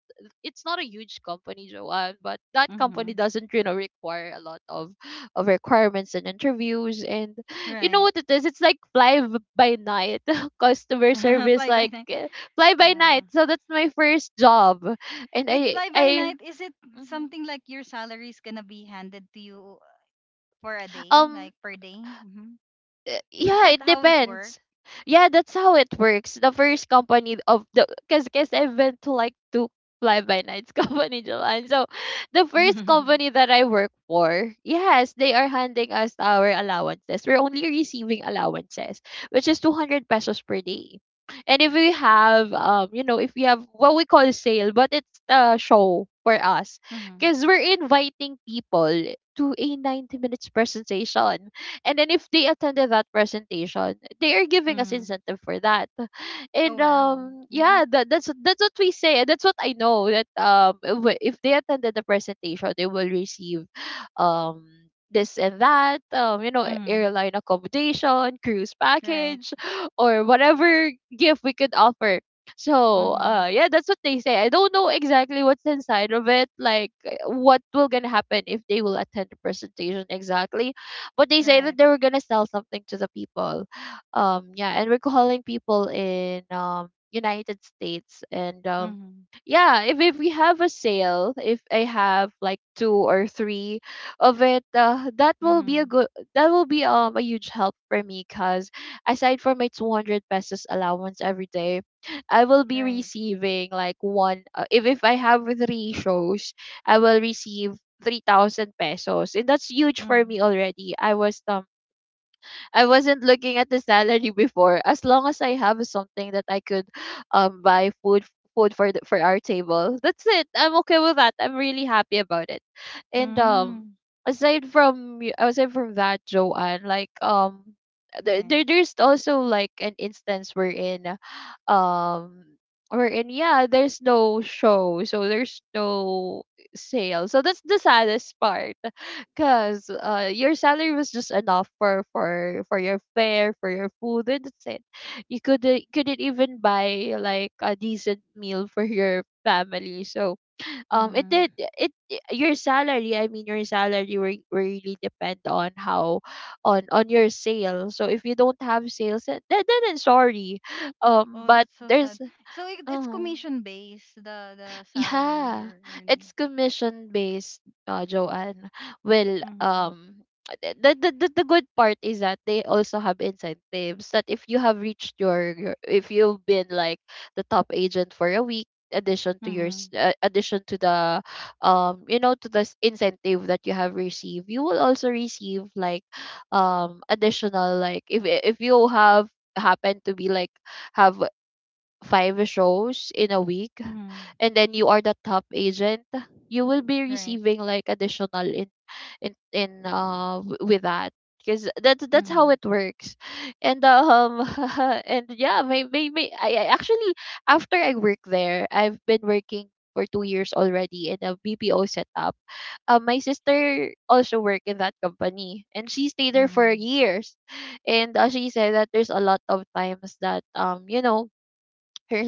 Speaker 2: it's not a huge company, Joanne. But that
Speaker 1: Mhm.
Speaker 2: company
Speaker 1: [LAUGHS]
Speaker 2: doesn't you know require a lot of requirements and interviews, and you know
Speaker 1: Right.
Speaker 2: what it is, it's like by night [LAUGHS] customer
Speaker 1: [LAUGHS]
Speaker 2: service,
Speaker 1: Fly by
Speaker 2: like
Speaker 1: night.
Speaker 2: eh, fly by
Speaker 1: Yeah.
Speaker 2: night. So that's my first job. And
Speaker 1: With fly by
Speaker 2: I
Speaker 1: night, is it something like your salary is gonna be handed to you for a day,
Speaker 2: Mm-hmm.
Speaker 1: like per day? Hmm. Is
Speaker 2: Yeah,
Speaker 1: that
Speaker 2: it
Speaker 1: how it works?
Speaker 2: depends. Yeah, that's how it works. The first company of the, because I went to like two fly by nights [LAUGHS] company, Japan. So the
Speaker 1: [LAUGHS]
Speaker 2: first
Speaker 1: Mm-hmm.
Speaker 2: company that I work for, yes, they are handing us our allowances. We're only receiving allowances, which is 200 pesos per day. And if we have you know, if we have what we call sale, but it's a show for us. Because we're inviting people to a 90 minutes presentation. And then if they attended that presentation, they are giving us
Speaker 1: Mm-hmm.
Speaker 2: incentive for that. And
Speaker 1: Oh wow. Mm-hmm.
Speaker 2: yeah, that's what we say, and that's what I know, that if if they attended the presentation they will receive um this and that, you know,
Speaker 1: Mm-hmm.
Speaker 2: airline accommodation, cruise
Speaker 1: Right.
Speaker 2: package, [GASPS] [LAUGHS] or whatever gift we could offer. So
Speaker 1: Mm-hmm.
Speaker 2: yeah, that's what they say. I don't know exactly what's inside of it, like what will gonna happen if they will attend the presentation exactly. But they say that
Speaker 1: Right.
Speaker 2: they were gonna sell something to the people. Yeah, and we're calling people in United States. And
Speaker 1: Mm-hmm.
Speaker 2: yeah, if we have a sale, if I have like two or three of it, that will be a
Speaker 1: Mm-hmm.
Speaker 2: good, that will be a huge help for me, because aside from my 200 pesos allowance every day, I will be
Speaker 1: Right.
Speaker 2: receiving like one, if I have three shows, I will receive 3000 pesos, and that's huge for
Speaker 1: Mm-hmm.
Speaker 2: me already. I was I wasn't looking at the salary before. As long as I have something that I could buy food, food for for our table, that's it. I'm okay with that. I'm really happy about it. And
Speaker 1: Mm-hmm.
Speaker 2: aside from aside from that, Joanne, like
Speaker 1: Right.
Speaker 2: there's also like an instance wherein um wherein yeah, there's no show, so there's no sale. So that's the saddest part because your salary was just enough for your fare, for your food, and that's it. You could couldn't even buy like a decent meal for your family. So it
Speaker 1: Mm-hmm.
Speaker 2: did it, your salary, I mean, your salary really depend on how, on your sale. So if you don't have sales, then, then I'm sorry.
Speaker 1: Oh,
Speaker 2: But
Speaker 1: that's so
Speaker 2: there's
Speaker 1: sad. So it's
Speaker 2: uh-huh.
Speaker 1: commission based, the salary
Speaker 2: Yeah,
Speaker 1: you're earning.
Speaker 2: it's commission based, Joanne. Well,
Speaker 1: Mm-hmm.
Speaker 2: the, the the good part is that they also have incentives that if you have reached your, if you've been like the top agent for a week, addition to your
Speaker 1: Mm-hmm.
Speaker 2: addition to the you know to the incentive that you have received, you will also receive like additional, like if you have happen to be like have five shows in a week,
Speaker 1: Mm-hmm.
Speaker 2: and then you are the top agent, you will be
Speaker 1: Right.
Speaker 2: receiving like additional in with that, because that's
Speaker 1: Mm-hmm.
Speaker 2: how it works. And [LAUGHS] and yeah, maybe I actually, after I work there, I've been working for 2 years already in a BPO setup. My sister also worked in that company and she stayed there for
Speaker 1: Mm-hmm.
Speaker 2: years. And she said that there's a lot of times that you know her,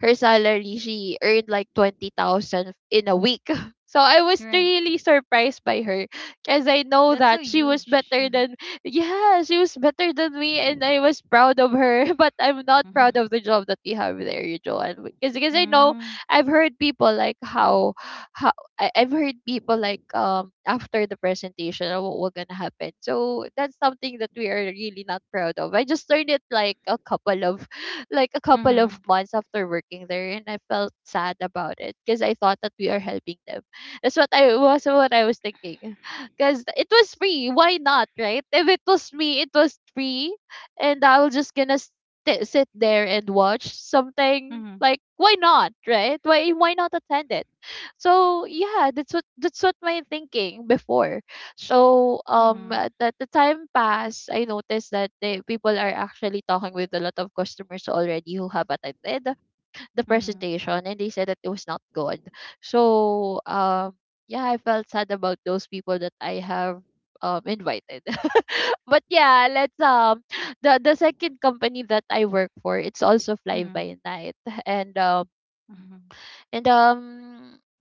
Speaker 2: her salary, she earned like 20,000 in a week. [LAUGHS] So I was
Speaker 1: Right.
Speaker 2: really surprised by her, because I know
Speaker 1: That's so
Speaker 2: that she was
Speaker 1: huge.
Speaker 2: better
Speaker 1: [LAUGHS]
Speaker 2: than, yeah, she was better than me, and I was proud of her. [LAUGHS] But I'm not proud
Speaker 1: Mhm.
Speaker 2: of the job that we have there, you Joanne. Because I know I've heard people like how, I've heard people like after the presentation was gonna happen. So that's something that we are really not proud of. I just learned it like a couple of, like a couple of
Speaker 1: Mhm.
Speaker 2: months after working there, and I felt sad about it because I thought that we are helping them. That's what I was, what I was thinking. [LAUGHS] Cause it was free. Why not, right? If it was me, it was free and I was just gonna sit there and watch something,
Speaker 1: Mhm.
Speaker 2: like why not, right? Why not attend it? So yeah, that's what my thinking before. So
Speaker 1: Mhm.
Speaker 2: that the time passed, I noticed that people are actually talking with a lot of customers already who have attended the
Speaker 1: Mm. Mhm.
Speaker 2: presentation, and they said that it was not good. So yeah, I felt sad about those people that I have invited. [LAUGHS] But yeah, let's the second company that I work for, it's also fly
Speaker 1: Mm.
Speaker 2: by night. And um
Speaker 1: Mhm.
Speaker 2: and um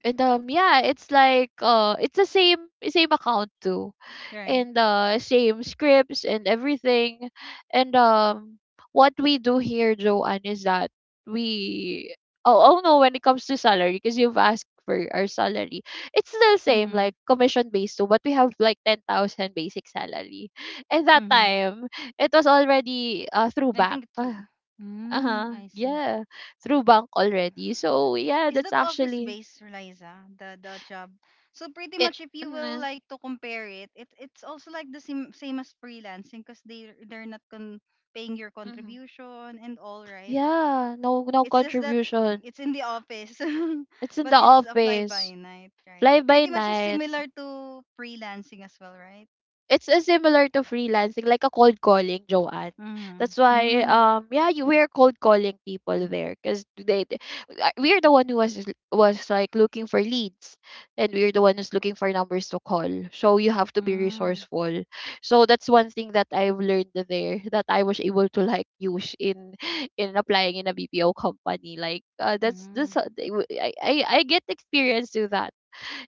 Speaker 2: and Yeah, it's like it's the same account too,
Speaker 1: Right.
Speaker 2: and the same scripts and everything. And What we do here, Joanne, is that we oh, oh no, when it comes to salary, because you've asked for our salary, it's still same,
Speaker 1: Mhm.
Speaker 2: like commission based too, but we have like 10,000 basic salary at that
Speaker 1: Mhm.
Speaker 2: time. It was already through
Speaker 1: I think
Speaker 2: bank. [SIGHS]
Speaker 1: it's,
Speaker 2: [LAUGHS]
Speaker 1: mm,
Speaker 2: Uh-huh,
Speaker 1: I see.
Speaker 2: yeah, through bank already. So yeah,
Speaker 1: Is
Speaker 2: that's
Speaker 1: that office
Speaker 2: actually
Speaker 1: based, Liza? The job. So pretty much
Speaker 2: it.
Speaker 1: if you will
Speaker 2: Mhm,
Speaker 1: like to compare it, it it's also like the same as freelancing, because they're not paying your
Speaker 2: mhm.
Speaker 1: contribution and all, right?
Speaker 2: Yeah, no no
Speaker 1: It's just that
Speaker 2: contribution.
Speaker 1: it's in the office, [LAUGHS]
Speaker 2: It's in the
Speaker 1: but it's a fly by
Speaker 2: office,
Speaker 1: night, right?
Speaker 2: fly by
Speaker 1: Pretty much is
Speaker 2: night.
Speaker 1: similar to freelancing as well, right?
Speaker 2: It's similar to freelancing, like a cold calling, Joanne.
Speaker 1: Mm.
Speaker 2: That's why,
Speaker 1: Mm.
Speaker 2: yeah, you we're cold calling people there because we're the one who was was like looking for leads, and we're the one who's looking for numbers to call. So you have to be
Speaker 1: Mm.
Speaker 2: resourceful. So that's one thing that I've learned there, that I was able to like use in applying in a BPO company. Like,
Speaker 1: Mm.
Speaker 2: I get experience to that.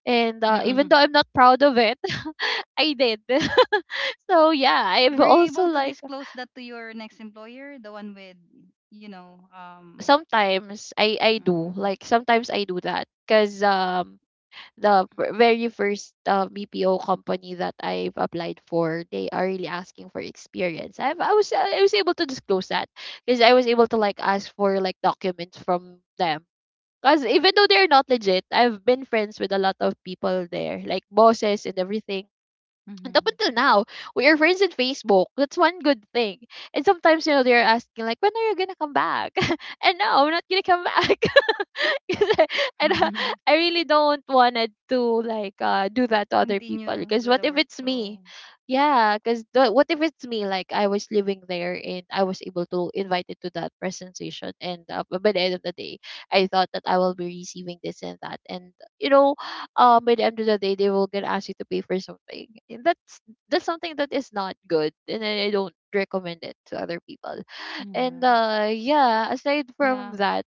Speaker 2: And even though
Speaker 1: [LAUGHS]
Speaker 2: I'm not proud of it, [LAUGHS] I did. [LAUGHS] So yeah, I've
Speaker 1: Were you
Speaker 2: also
Speaker 1: able to
Speaker 2: like
Speaker 1: disclose that to your next employer, the one with, you know,
Speaker 2: sometimes I do,
Speaker 1: mhm,
Speaker 2: like sometimes I do that because very first BPO company that I've applied for, they are really asking for experience. I was able to disclose that because I was able to like ask for like documents from them. Because even though they're not legit, I've been friends with a lot of people there, like bosses and everything, and up
Speaker 1: mhm.
Speaker 2: until now, we are friends on Facebook. That's one good thing. And sometimes, you know, they're asking like, when are you gonna come back? [LAUGHS] And no, I'm not gonna come back. [LAUGHS] 'Cause I don't- I
Speaker 1: [LAUGHS]
Speaker 2: really don't wanna to like do that to other people,
Speaker 1: Continue
Speaker 2: because
Speaker 1: do
Speaker 2: what
Speaker 1: the
Speaker 2: if it's me?
Speaker 1: workflow?
Speaker 2: Yeah, because what if it's me? Like, I was living there and I was able to invited to that presentation, and by the end of the day, I thought that I will be receiving this and that, and you know, by the end of the day, they will gonna ask you to pay for something. And that's something that is not good, and I don't recommend it to other people. And
Speaker 1: Mhm.
Speaker 2: yeah, aside from
Speaker 1: Yeah.
Speaker 2: that,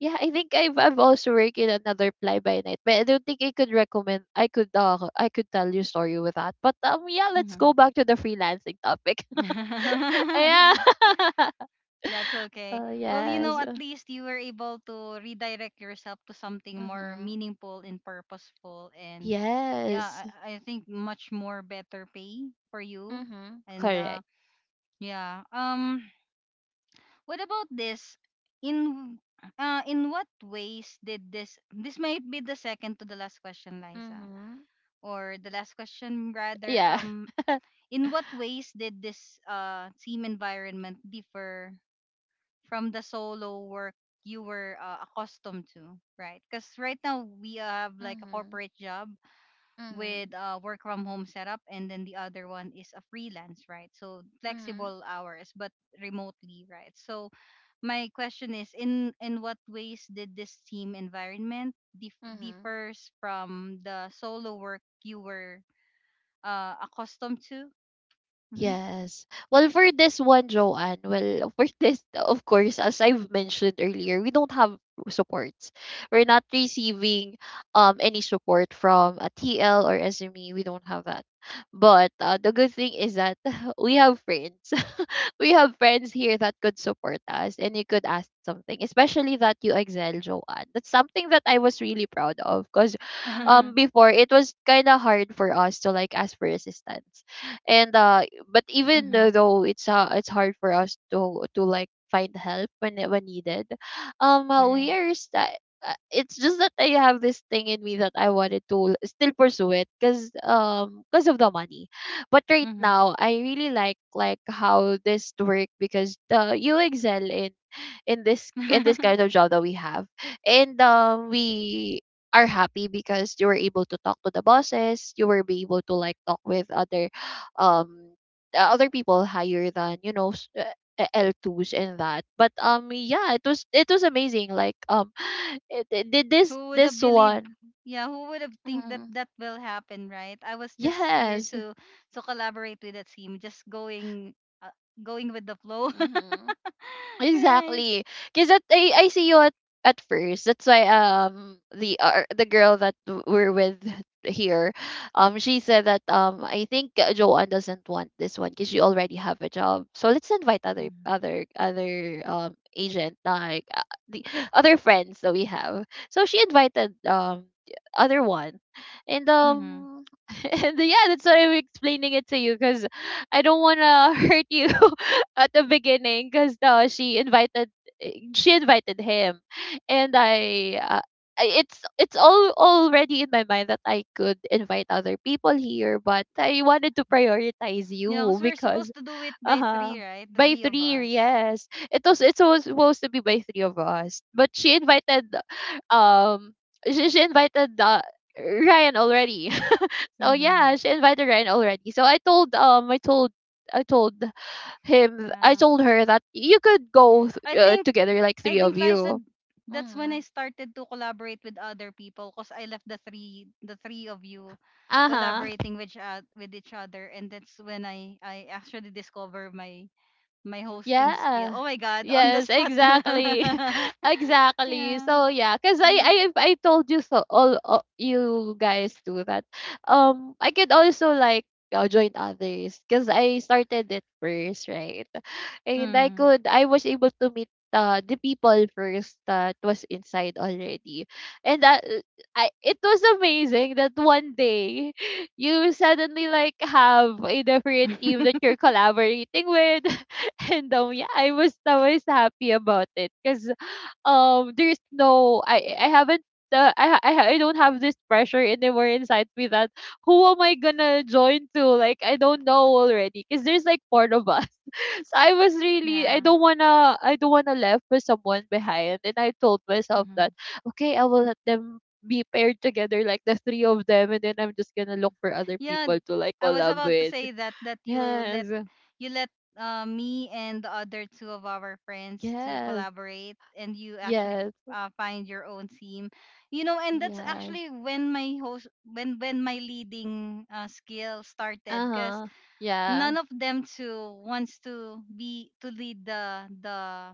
Speaker 2: yeah, I think I've also worked in another fly by night, but I don't think I could recommend. I could tell you a story with that. But yeah, let's go
Speaker 1: Mhm.
Speaker 2: back to the freelancing topic. [LAUGHS] Yeah.
Speaker 1: [LAUGHS]
Speaker 2: [LAUGHS]
Speaker 1: That's okay.
Speaker 2: Oh
Speaker 1: Well, you know,
Speaker 2: yes.
Speaker 1: at least you were able to redirect yourself to something more
Speaker 2: Mhm.
Speaker 1: meaningful and purposeful. And
Speaker 2: Yes.
Speaker 1: yeah, I think much more better pay for you.
Speaker 2: Mhm.
Speaker 1: And
Speaker 2: Correct.
Speaker 1: yeah. What about this? In in what ways did this? This might be the second to the last question, Liza,
Speaker 2: Mhm.
Speaker 1: or the last question rather.
Speaker 2: Yeah. [LAUGHS]
Speaker 1: In what ways did this team environment differ from the solo work you were accustomed to, right? Because right now we have like a
Speaker 2: Mhm.
Speaker 1: corporate job
Speaker 2: Mhm.
Speaker 1: with a work from home setup, and then the other one is a freelance, right? So
Speaker 2: Mhm.
Speaker 1: flexible hours, but remotely, right? So my question is, in what ways did this team environment
Speaker 2: Mhm.
Speaker 1: differs from the solo work you were accustomed to?
Speaker 2: Yes. Well, for this one, Joanne, well, for this, of course, as I've mentioned earlier, we don't have supports. We're not receiving any support from a TL or SME. We don't have that. But the good thing is that [LAUGHS] we have friends. [LAUGHS] We have friends here that could support us, and you could ask something, especially that you excel, Joanne. That's something that I was really proud of, because
Speaker 1: Mm-hmm. [LAUGHS]
Speaker 2: before it was kind of hard for us to like ask for assistance. And but even though
Speaker 1: Mm-hmm.
Speaker 2: though it's hard for us to like find help when needed. Um uh, we
Speaker 1: Right.
Speaker 2: are st- it's just that I have this thing in me that I wanted to still pursue it because of the money. But right
Speaker 1: Mm-hmm.
Speaker 2: now I really like how this work, because you excel in this in this kind
Speaker 1: [LAUGHS]
Speaker 2: of job that we have. And We are happy because you were able to talk to the bosses, you were be able to like talk with other um other people higher than you know, L2s and that. But yeah, it was amazing, like [SIGHS] it, did this
Speaker 1: Who would have
Speaker 2: this
Speaker 1: believed?
Speaker 2: one.
Speaker 1: Yeah, who would have think that
Speaker 2: Mm,
Speaker 1: that will happen, right? I was just here
Speaker 2: yes.
Speaker 1: to collaborate with the team, just going uh, going with the flow, [LAUGHS] right?
Speaker 2: Exactly. Cause I see you at first. That's why the girl that we're with here, she said that I think Joanne doesn't want this one because she already have a job. So let's invite other other agent, like the [SIGHS] other friends that we have. So she invited the other one, and
Speaker 1: Mm-hmm.
Speaker 2: [LAUGHS] and yeah, that's why I'm explaining it to you, because I don't wanna [LAUGHS] hurt you [LAUGHS] at the beginning because she invited she invited him, and I. Uh, it's all already in my mind that I could invite other people here, but I wanted to prioritize you
Speaker 1: Yeah, because
Speaker 2: [LAUGHS]
Speaker 1: we're
Speaker 2: because
Speaker 1: supposed to do it
Speaker 2: uh
Speaker 1: by
Speaker 2: huh,
Speaker 1: three, right? The
Speaker 2: by
Speaker 1: three of
Speaker 2: three,
Speaker 1: us.
Speaker 2: yes, it was supposed to be by three of us, but she invited um she invited Ryan already. Oh
Speaker 1: Mm-hmm.
Speaker 2: yeah, she invited Ryan already. So I told I
Speaker 1: Yeah,
Speaker 2: told her that you could go
Speaker 1: I think,
Speaker 2: together, like
Speaker 1: I
Speaker 2: three of
Speaker 1: think, Liza,
Speaker 2: you.
Speaker 1: that's when I
Speaker 2: Mm-hmm.
Speaker 1: started to collaborate with other people, because I left the three of you
Speaker 2: Uh-huh.
Speaker 1: collaborating with each other, and that's when I actually discover my my hosting skill.
Speaker 2: Yeah.
Speaker 1: Oh my god, [LAUGHS] on the
Speaker 2: Yes,
Speaker 1: spot. [LAUGHS]
Speaker 2: exactly. [LAUGHS] Exactly.
Speaker 1: Yeah.
Speaker 2: So yeah, cuz I I
Speaker 1: Mm.
Speaker 2: I told you so, all you guys do that. I could also like join others, cuz I started it first, right? And
Speaker 1: Mm.
Speaker 2: I was able to meet the people first that was inside already. And that I it was amazing that one day [LAUGHS] you suddenly like have a different team
Speaker 1: [LAUGHS]
Speaker 2: that you're collaborating with. [LAUGHS] And yeah, I was always happy about it because there's no, I haven't. I, ha- I ha- I don't have this pressure anymore inside me, that who am I gonna join to, like I don't know already, because there's like four of us. [LAUGHS] So I was really,
Speaker 1: Yeah.
Speaker 2: I don't wanna left with someone behind, and I told myself that
Speaker 1: Mm-hmm.
Speaker 2: okay, I will let them be paired together, like the three of them, and then I'm just gonna look for other
Speaker 1: Yeah,
Speaker 2: people to like
Speaker 1: I was
Speaker 2: collab
Speaker 1: about to
Speaker 2: with.
Speaker 1: say that that
Speaker 2: Yes,
Speaker 1: you let me and the other two of our friends to
Speaker 2: yes,
Speaker 1: collaborate, and you actually
Speaker 2: yes.
Speaker 1: find your own team. You know, and that's
Speaker 2: Yes.
Speaker 1: actually when my host when my leading skill started, because
Speaker 2: Uh-huh. Yeah.
Speaker 1: none of them two wants to be to lead the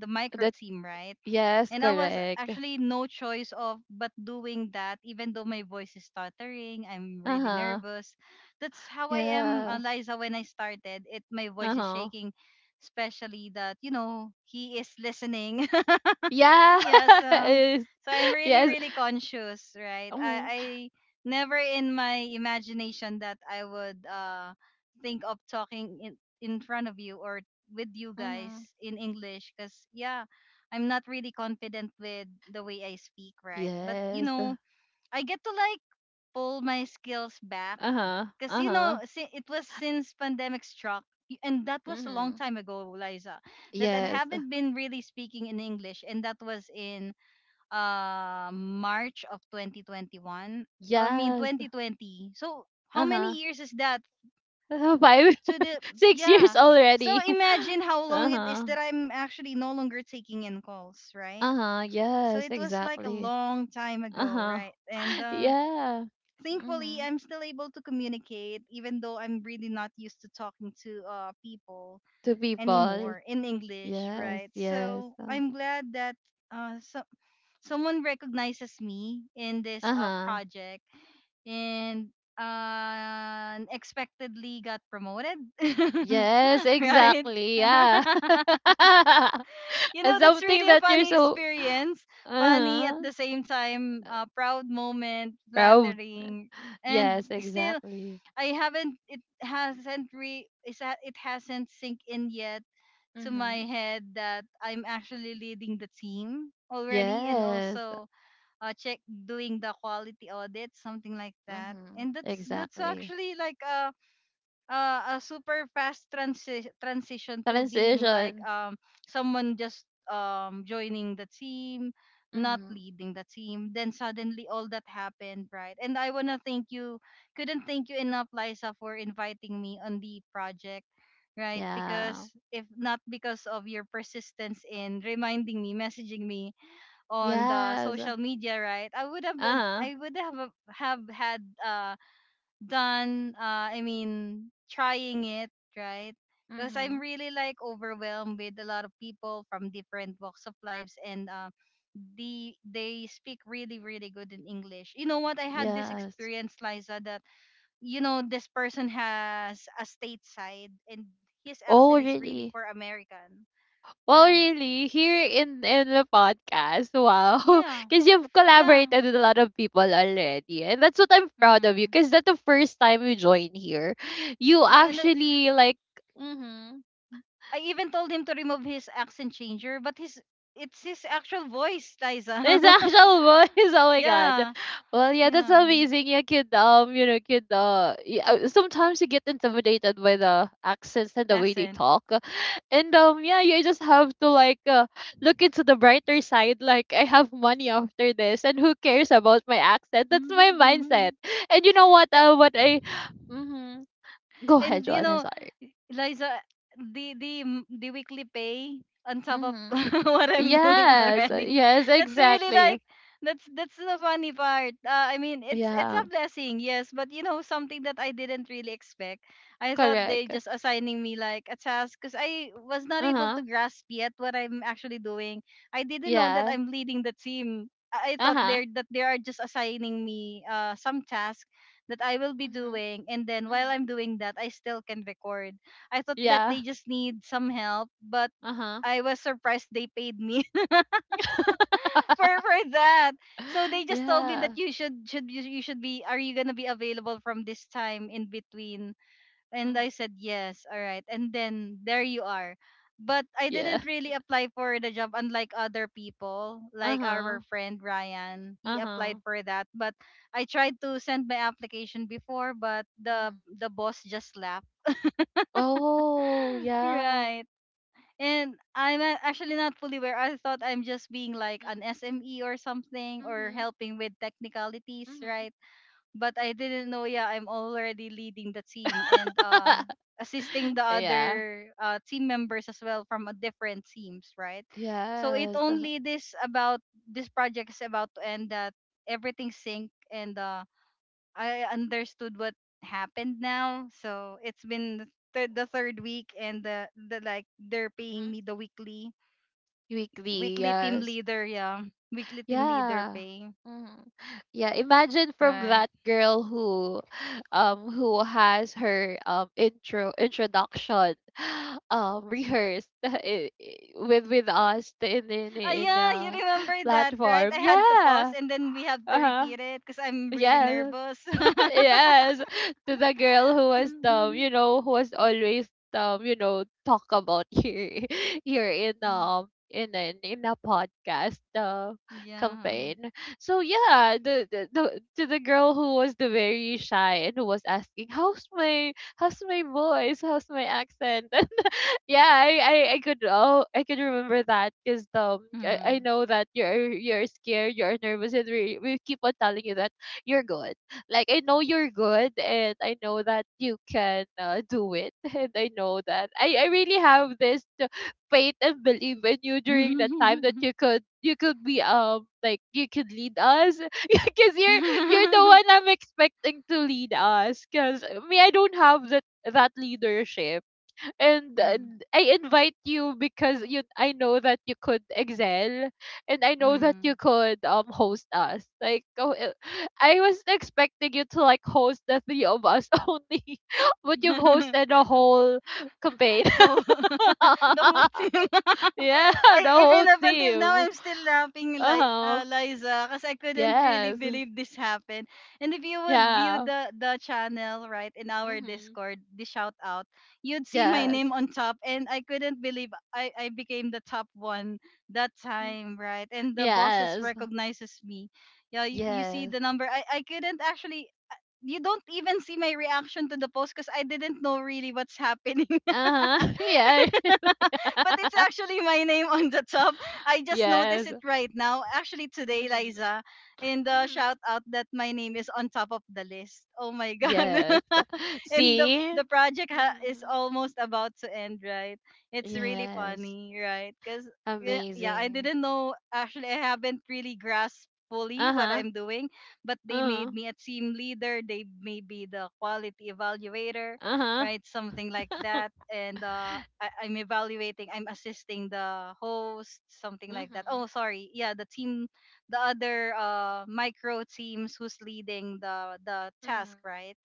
Speaker 1: the micro
Speaker 2: That
Speaker 1: team, right?
Speaker 2: yes,
Speaker 1: And I was
Speaker 2: correct.
Speaker 1: actually no choice of but doing that, even though my voice is stuttering, I'm really
Speaker 2: Uh-huh.
Speaker 1: nervous. That's how I am,
Speaker 2: Yeah.
Speaker 1: Liza. When I started, it my voice is
Speaker 2: Uh-huh.
Speaker 1: shaking, especially that you know he is listening. [LAUGHS]
Speaker 2: Yeah.
Speaker 1: Yeah,
Speaker 2: [LAUGHS]
Speaker 1: so
Speaker 2: Yes.
Speaker 1: I'm really
Speaker 2: Yes.
Speaker 1: really conscious, right? i
Speaker 2: Mm.
Speaker 1: i never in my imagination that I would think of talking in front of you or with you
Speaker 2: Mm-hmm.
Speaker 1: guys in English, because yeah, I'm not really confident with the way I speak, right? But you
Speaker 2: Yes.
Speaker 1: know, I get to like pull my skills back,
Speaker 2: Uh-huh.
Speaker 1: because you know,
Speaker 2: Uh-huh.
Speaker 1: it was since pandemic struck, and that was a long
Speaker 2: Mm-hmm.
Speaker 1: time ago, Liza, that I
Speaker 2: Yes.
Speaker 1: haven't been really speaking in English, and that was in March of 2021. I mean
Speaker 2: Yes.
Speaker 1: 2020. So how many
Speaker 2: Uh-huh.
Speaker 1: years is that?
Speaker 2: [LAUGHS] Five,
Speaker 1: So the
Speaker 2: [LAUGHS] six
Speaker 1: yeah.
Speaker 2: years
Speaker 1: So
Speaker 2: already. [LAUGHS]
Speaker 1: imagine how long it is
Speaker 2: Uh-huh.
Speaker 1: that I'm actually no longer taking in calls, right?
Speaker 2: Uh-huh.
Speaker 1: So
Speaker 2: Yes,
Speaker 1: it was like a
Speaker 2: exactly.
Speaker 1: long time ago,
Speaker 2: Uh-huh.
Speaker 1: right? And
Speaker 2: [LAUGHS] Yeah.
Speaker 1: thankfully
Speaker 2: Mm-hmm.
Speaker 1: I'm still able to communicate even though I'm really not used to talking to people
Speaker 2: To people.
Speaker 1: anymore in English,
Speaker 2: Yes,
Speaker 1: right?
Speaker 2: yes.
Speaker 1: So I'm glad that uh, some someone recognizes me in this
Speaker 2: Uh-huh.
Speaker 1: project and unexpectedly got promoted
Speaker 2: Yes,
Speaker 1: [LAUGHS] right
Speaker 2: exactly. Yeah.
Speaker 1: [LAUGHS]
Speaker 2: [LAUGHS]
Speaker 1: you know
Speaker 2: And
Speaker 1: that's
Speaker 2: something
Speaker 1: really a
Speaker 2: that you're
Speaker 1: funny
Speaker 2: so
Speaker 1: experience funny at
Speaker 2: uh-huh.
Speaker 1: the same time proud moment
Speaker 2: Proud.
Speaker 1: flattering and
Speaker 2: Yes,
Speaker 1: still
Speaker 2: exactly.
Speaker 1: I haven't it hasn't re is that it hasn't sink in yet to my
Speaker 2: Mm-hmm.
Speaker 1: head that I'm actually leading the team already and
Speaker 2: Yes,
Speaker 1: also check doing the quality audit, something like that.
Speaker 2: mm-hmm,
Speaker 1: And that's
Speaker 2: exactly.
Speaker 1: actually like a, a super fast transition to being like
Speaker 2: Transition.
Speaker 1: someone just joining the team, not
Speaker 2: Mm-hmm.
Speaker 1: leading the team. Then suddenly all that happened, right? And I wanna thank you, couldn't thank you enough, Liza, for inviting me on the project. Right,
Speaker 2: Yeah.
Speaker 1: because if not because of your persistence in reminding me, messaging me, on the
Speaker 2: Yes.
Speaker 1: social media, right?
Speaker 2: Uh-huh.
Speaker 1: I would have had done I mean trying it, right? Because
Speaker 2: Mm-hmm.
Speaker 1: I'm really like overwhelmed with a lot of people from different walks of lives and they speak really really good in English. You know what? I had this
Speaker 2: Yes.
Speaker 1: experience, Liza, that you know this person has a stateside and his
Speaker 2: Oh,
Speaker 1: accent is really
Speaker 2: really?
Speaker 1: for American,
Speaker 2: Well,
Speaker 1: right?
Speaker 2: really, here in the podcast, wow, [LAUGHS]
Speaker 1: Yeah,
Speaker 2: because you've
Speaker 1: yeah.
Speaker 2: collaborated with a lot of people already, and that's what I'm proud of you.
Speaker 1: Mm-hmm.
Speaker 2: Because that's the first time you join here, you
Speaker 1: Yeah, and I,
Speaker 2: actually like. Mhm.
Speaker 1: I even told him to remove his accent changer, but his it's his actual voice, Liza.
Speaker 2: His
Speaker 1: [LAUGHS]
Speaker 2: actual voice. [LAUGHS] Oh my god.
Speaker 1: yeah,
Speaker 2: Well, yeah, that's
Speaker 1: yeah,
Speaker 2: amazing. Yeah, kid. Kid. Sometimes you get intimidated by the accents and the way they
Speaker 1: accent.
Speaker 2: talk, and yeah, you just have to like look into the brighter side. Like, I have money after this, and who cares about my accent? That's my mindset. And you know what?
Speaker 1: [LAUGHS] A-
Speaker 2: What I. Mm-hmm. Go ahead,
Speaker 1: and you
Speaker 2: Joanne. I'm
Speaker 1: know,
Speaker 2: sorry.
Speaker 1: Eliza, the weekly pay on top of
Speaker 2: Mm-hmm.
Speaker 1: [LAUGHS] what I'm doing
Speaker 2: Yes.
Speaker 1: already.
Speaker 2: Yes.
Speaker 1: That's really
Speaker 2: Exactly.
Speaker 1: like that's the funny part. I mean, it's
Speaker 2: Yeah.
Speaker 1: a blessing, yes, but you know something that I didn't really expect. I thought they
Speaker 2: Correct.
Speaker 1: just assigning me like a task because I was not
Speaker 2: Uh
Speaker 1: able to
Speaker 2: huh.
Speaker 1: grasp yet what I'm actually doing. I didn't know that
Speaker 2: Yeah.
Speaker 1: I'm leading the team. I I thought
Speaker 2: Uh-huh.
Speaker 1: they're that they are just assigning me some task that I will be
Speaker 2: Mhm.
Speaker 1: doing, and then while
Speaker 2: Mhm.
Speaker 1: I'm doing that, I still can record. I thought that
Speaker 2: Yeah.
Speaker 1: they just need some help, but
Speaker 2: Uh-huh.
Speaker 1: I was surprised they paid me [LAUGHS] for that.
Speaker 2: [GASPS]
Speaker 1: So
Speaker 2: [LAUGHS]
Speaker 1: they just told me that
Speaker 2: Yeah.
Speaker 1: you should be are you gonna be available from this time in between? And I
Speaker 2: Mhm.
Speaker 1: said yes, all right. And then there you are. But I
Speaker 2: Yeah.
Speaker 1: didn't really apply for the job unlike other people, like
Speaker 2: Uh-huh.
Speaker 1: our friend Ryan. He applied
Speaker 2: Uh-huh.
Speaker 1: for that, but I tried to send my application before, but
Speaker 2: Mhm.
Speaker 1: the boss just laughed. [GASPS]
Speaker 2: Oh,
Speaker 1: [LAUGHS]
Speaker 2: yeah.
Speaker 1: Right. And I'm actually not fully aware. I thought I'm just being like
Speaker 2: Mm.
Speaker 1: an SME or something or
Speaker 2: Mhm.
Speaker 1: helping with technicalities,
Speaker 2: Mhm.
Speaker 1: right? But I didn't know, yeah, I'm already leading the team and
Speaker 2: [LAUGHS]
Speaker 1: assisting the
Speaker 2: Yeah.
Speaker 1: other team members as well from a different teams, right? So it
Speaker 2: Yes.
Speaker 1: only this about this project is about to end that everything sync and I understood what happened now. So it's been the 3rd week, and the like they're paying
Speaker 2: Mhm.
Speaker 1: me the weekly
Speaker 2: Weekly,
Speaker 1: weekly team
Speaker 2: yes.
Speaker 1: leader, yeah, weekly team leader
Speaker 2: Yeah.
Speaker 1: pay.
Speaker 2: Mm. Yeah, imagine from
Speaker 1: Right.
Speaker 2: that girl who has her introduction [GASPS] [SIGHS] rehearsed [LAUGHS] with us in in
Speaker 1: Ah,
Speaker 2: in
Speaker 1: yeah, you remember that, right? I
Speaker 2: platform.
Speaker 1: had to pause
Speaker 2: Yeah.
Speaker 1: and then we have to
Speaker 2: Uh-huh.
Speaker 1: repeat it because I'm really
Speaker 2: Yeah,
Speaker 1: nervous.
Speaker 2: [LAUGHS] yes, to the girl who was
Speaker 1: [LAUGHS]
Speaker 2: you know, who was always you know, talk about here [LAUGHS] here in an in a podcast
Speaker 1: yeah.
Speaker 2: campaign. So yeah, the to the girl who was the very shy and who was asking, how's my voice? How's my accent?" Yeah, I could, oh I could remember that because I
Speaker 1: Mhm.
Speaker 2: know that you're scared, you're nervous, and we keep on telling you that you're good. Like I know you're good, and I know that you can do it, [LAUGHS] and I know that I really have this faith and belief in you
Speaker 1: [LAUGHS]
Speaker 2: during the time that
Speaker 1: Mhm.
Speaker 2: you could be like you could lead us [LAUGHS] because you're the
Speaker 1: [LAUGHS]
Speaker 2: one I'm expecting to lead us because me I don't have that leadership and I invite you because you I know that you could excel and I know that you
Speaker 1: Mhm.
Speaker 2: could host us. Like I was expecting you to like host the three of us [LAUGHS] only, but you've
Speaker 1: [LAUGHS]
Speaker 2: hosted a whole campaign.
Speaker 1: Oh, [LAUGHS] the whole team.
Speaker 2: [LAUGHS]
Speaker 1: [LAUGHS]
Speaker 2: Yeah, the
Speaker 1: I,
Speaker 2: whole
Speaker 1: even up until now,
Speaker 2: team.
Speaker 1: I'm still laughing,
Speaker 2: Uh
Speaker 1: like
Speaker 2: huh.
Speaker 1: Liza, because I couldn't really
Speaker 2: Yes.
Speaker 1: believe this happened. And if you would view
Speaker 2: Yeah.
Speaker 1: the channel right in our
Speaker 2: Mhm.
Speaker 1: Discord, the shout out, you'd see my
Speaker 2: Yes.
Speaker 1: name on top, and I couldn't believe I became the top one that time, right? And the bosses
Speaker 2: Yes.
Speaker 1: recognizes me. Yeah, you see
Speaker 2: Yes.
Speaker 1: the number. I couldn't actually. You don't even see my reaction to the post because I didn't know really what's [LAUGHS] happening.
Speaker 2: Uh huh. [LAUGHS]
Speaker 1: [LAUGHS] but it's
Speaker 2: Yeah. [LAUGHS]
Speaker 1: actually my name on the top. I just noticed
Speaker 2: Yes.
Speaker 1: it right now. Actually, today,
Speaker 2: Mhm.
Speaker 1: Liza, in the
Speaker 2: Mhm.
Speaker 1: shout out that my name is on top of the list. Oh my God.
Speaker 2: Yes. [LAUGHS]
Speaker 1: [LAUGHS] and
Speaker 2: See?
Speaker 1: the project is
Speaker 2: hmm
Speaker 1: almost about to end, right? It's really
Speaker 2: Yes.
Speaker 1: funny, right? Because, yeah, yeah, I
Speaker 2: Amazing.
Speaker 1: didn't know. Actually, I haven't really grasped fully what
Speaker 2: Uh-huh.
Speaker 1: I'm doing, but they made
Speaker 2: Uh-huh.
Speaker 1: me a team leader. They may be the quality evaluator, right?
Speaker 2: Uh-huh.
Speaker 1: Something like that.
Speaker 2: [LAUGHS]
Speaker 1: And, I'm evaluating, I'm assisting the host, something like that.
Speaker 2: hmm
Speaker 1: Oh, sorry. Yeah, the team, the other micro teams who's leading the task,
Speaker 2: hmm
Speaker 1: right?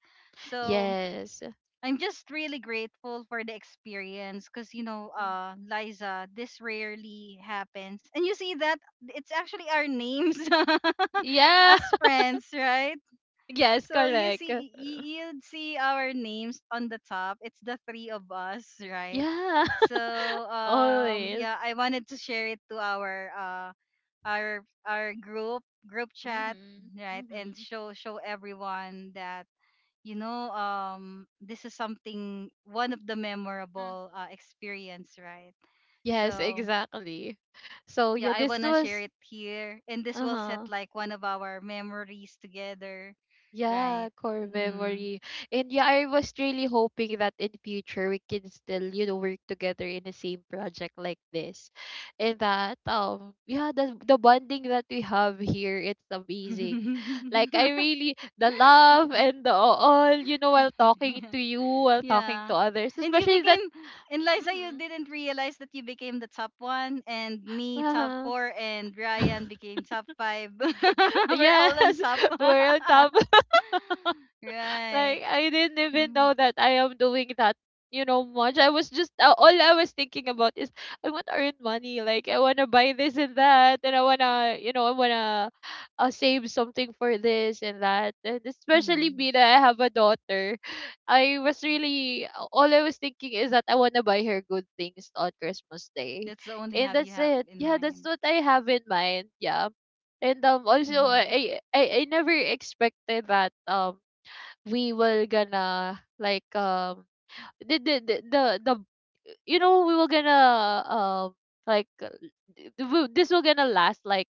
Speaker 1: So
Speaker 2: Yes.
Speaker 1: I'm just really grateful for the experience because you know,
Speaker 2: hmm
Speaker 1: Liza, this rarely happens, and you see that it's actually our names [LAUGHS]
Speaker 2: Yeah.
Speaker 1: as
Speaker 2: [LAUGHS]
Speaker 1: friends, right?
Speaker 2: Yes,
Speaker 1: So you
Speaker 2: correct.
Speaker 1: see, you'd see our names on the top. It's the 3 of us, [LAUGHS] right?
Speaker 2: Yeah.
Speaker 1: So
Speaker 2: [LAUGHS] Always.
Speaker 1: yeah, I wanted to share it to our group
Speaker 2: hmm
Speaker 1: chat, right?
Speaker 2: hmm
Speaker 1: And
Speaker 2: hmm
Speaker 1: show everyone that you know this is something one of the memorable experience, right?
Speaker 2: Yes,
Speaker 1: So
Speaker 2: exactly. So
Speaker 1: yeah,
Speaker 2: yeah,
Speaker 1: I
Speaker 2: this
Speaker 1: wanna share
Speaker 2: was
Speaker 1: it here, and this will set
Speaker 2: uh-huh.
Speaker 1: like one of our memories together, right?
Speaker 2: Yeah, core
Speaker 1: Mm-hmm.
Speaker 2: memory. And yeah, I was really hoping that in future we can still, you know, work together in the same project like this. And that yeah, the bonding that we have here, it's amazing. Like I really the
Speaker 1: [LAUGHS]
Speaker 2: love and the all, you know, while talking to you, while talking to
Speaker 1: yeah.
Speaker 2: others,
Speaker 1: And you
Speaker 2: especially that
Speaker 1: became, and Liza, you
Speaker 2: mm-hmm.
Speaker 1: didn't realize that you became the top one, and me top
Speaker 2: Uh-huh.
Speaker 1: four, and Ryan
Speaker 2: [LAUGHS]
Speaker 1: became top 5. [LAUGHS] We're all on
Speaker 2: Yes,
Speaker 1: top.
Speaker 2: [LAUGHS] we're on top.
Speaker 1: [LAUGHS] right.
Speaker 2: Like I didn't even know
Speaker 1: Mm-hmm.
Speaker 2: that I am doing that, you know, much. I was just all I was thinking about is I want to earn money. Like I want to buy this and that, and I wanna, you know, I wanna save something for this and that. And especially
Speaker 1: Mm-hmm.
Speaker 2: me that I have a daughter, I was really all I was thinking is that I wanna buy her good things on Christmas Day,
Speaker 1: That's the only
Speaker 2: and
Speaker 1: have you
Speaker 2: that's
Speaker 1: have
Speaker 2: it.
Speaker 1: in
Speaker 2: Yeah, that's
Speaker 1: mind.
Speaker 2: what I have in mind. Yeah. And also
Speaker 1: Mm-hmm.
Speaker 2: I never expected that we were gonna like the you know we were gonna like this will gonna last like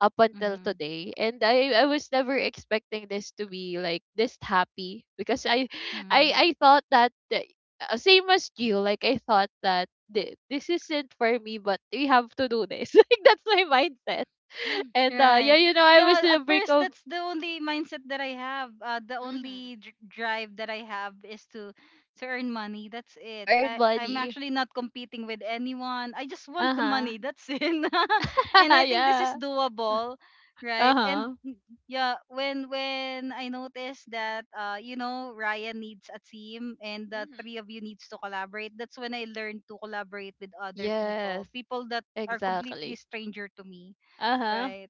Speaker 2: up until
Speaker 1: Mm-hmm.
Speaker 2: today and I was never expecting this to be like this happy because i i
Speaker 1: Mm-hmm.
Speaker 2: i thought that same as you like I thought that this isn't for me but we have to do this [LAUGHS] like that's my mindset [LAUGHS]
Speaker 1: [LAUGHS]
Speaker 2: and yeah
Speaker 1: Right.
Speaker 2: you know I was
Speaker 1: Yeah,
Speaker 2: in
Speaker 1: at
Speaker 2: a break
Speaker 1: first
Speaker 2: of
Speaker 1: that's the only mindset that I have. The
Speaker 2: mhm
Speaker 1: only drive that I have is to earn money. That's
Speaker 2: to
Speaker 1: it.
Speaker 2: earn
Speaker 1: I'm
Speaker 2: money
Speaker 1: actually not competing with anyone. I just want the
Speaker 2: uh-huh
Speaker 1: money. That's it. [LAUGHS] and
Speaker 2: [LAUGHS]
Speaker 1: I think this is
Speaker 2: Yeah.
Speaker 1: doable, right? And
Speaker 2: Uh-huh.
Speaker 1: mm, yeah, when I noticed that you know Ryan needs a team and the
Speaker 2: Mhm.
Speaker 1: three of you needs to collaborate, that's when I learned to collaborate with other people,
Speaker 2: Yes,
Speaker 1: people that are completely
Speaker 2: exactly.
Speaker 1: stranger to me.
Speaker 2: Uh-huh.
Speaker 1: Right.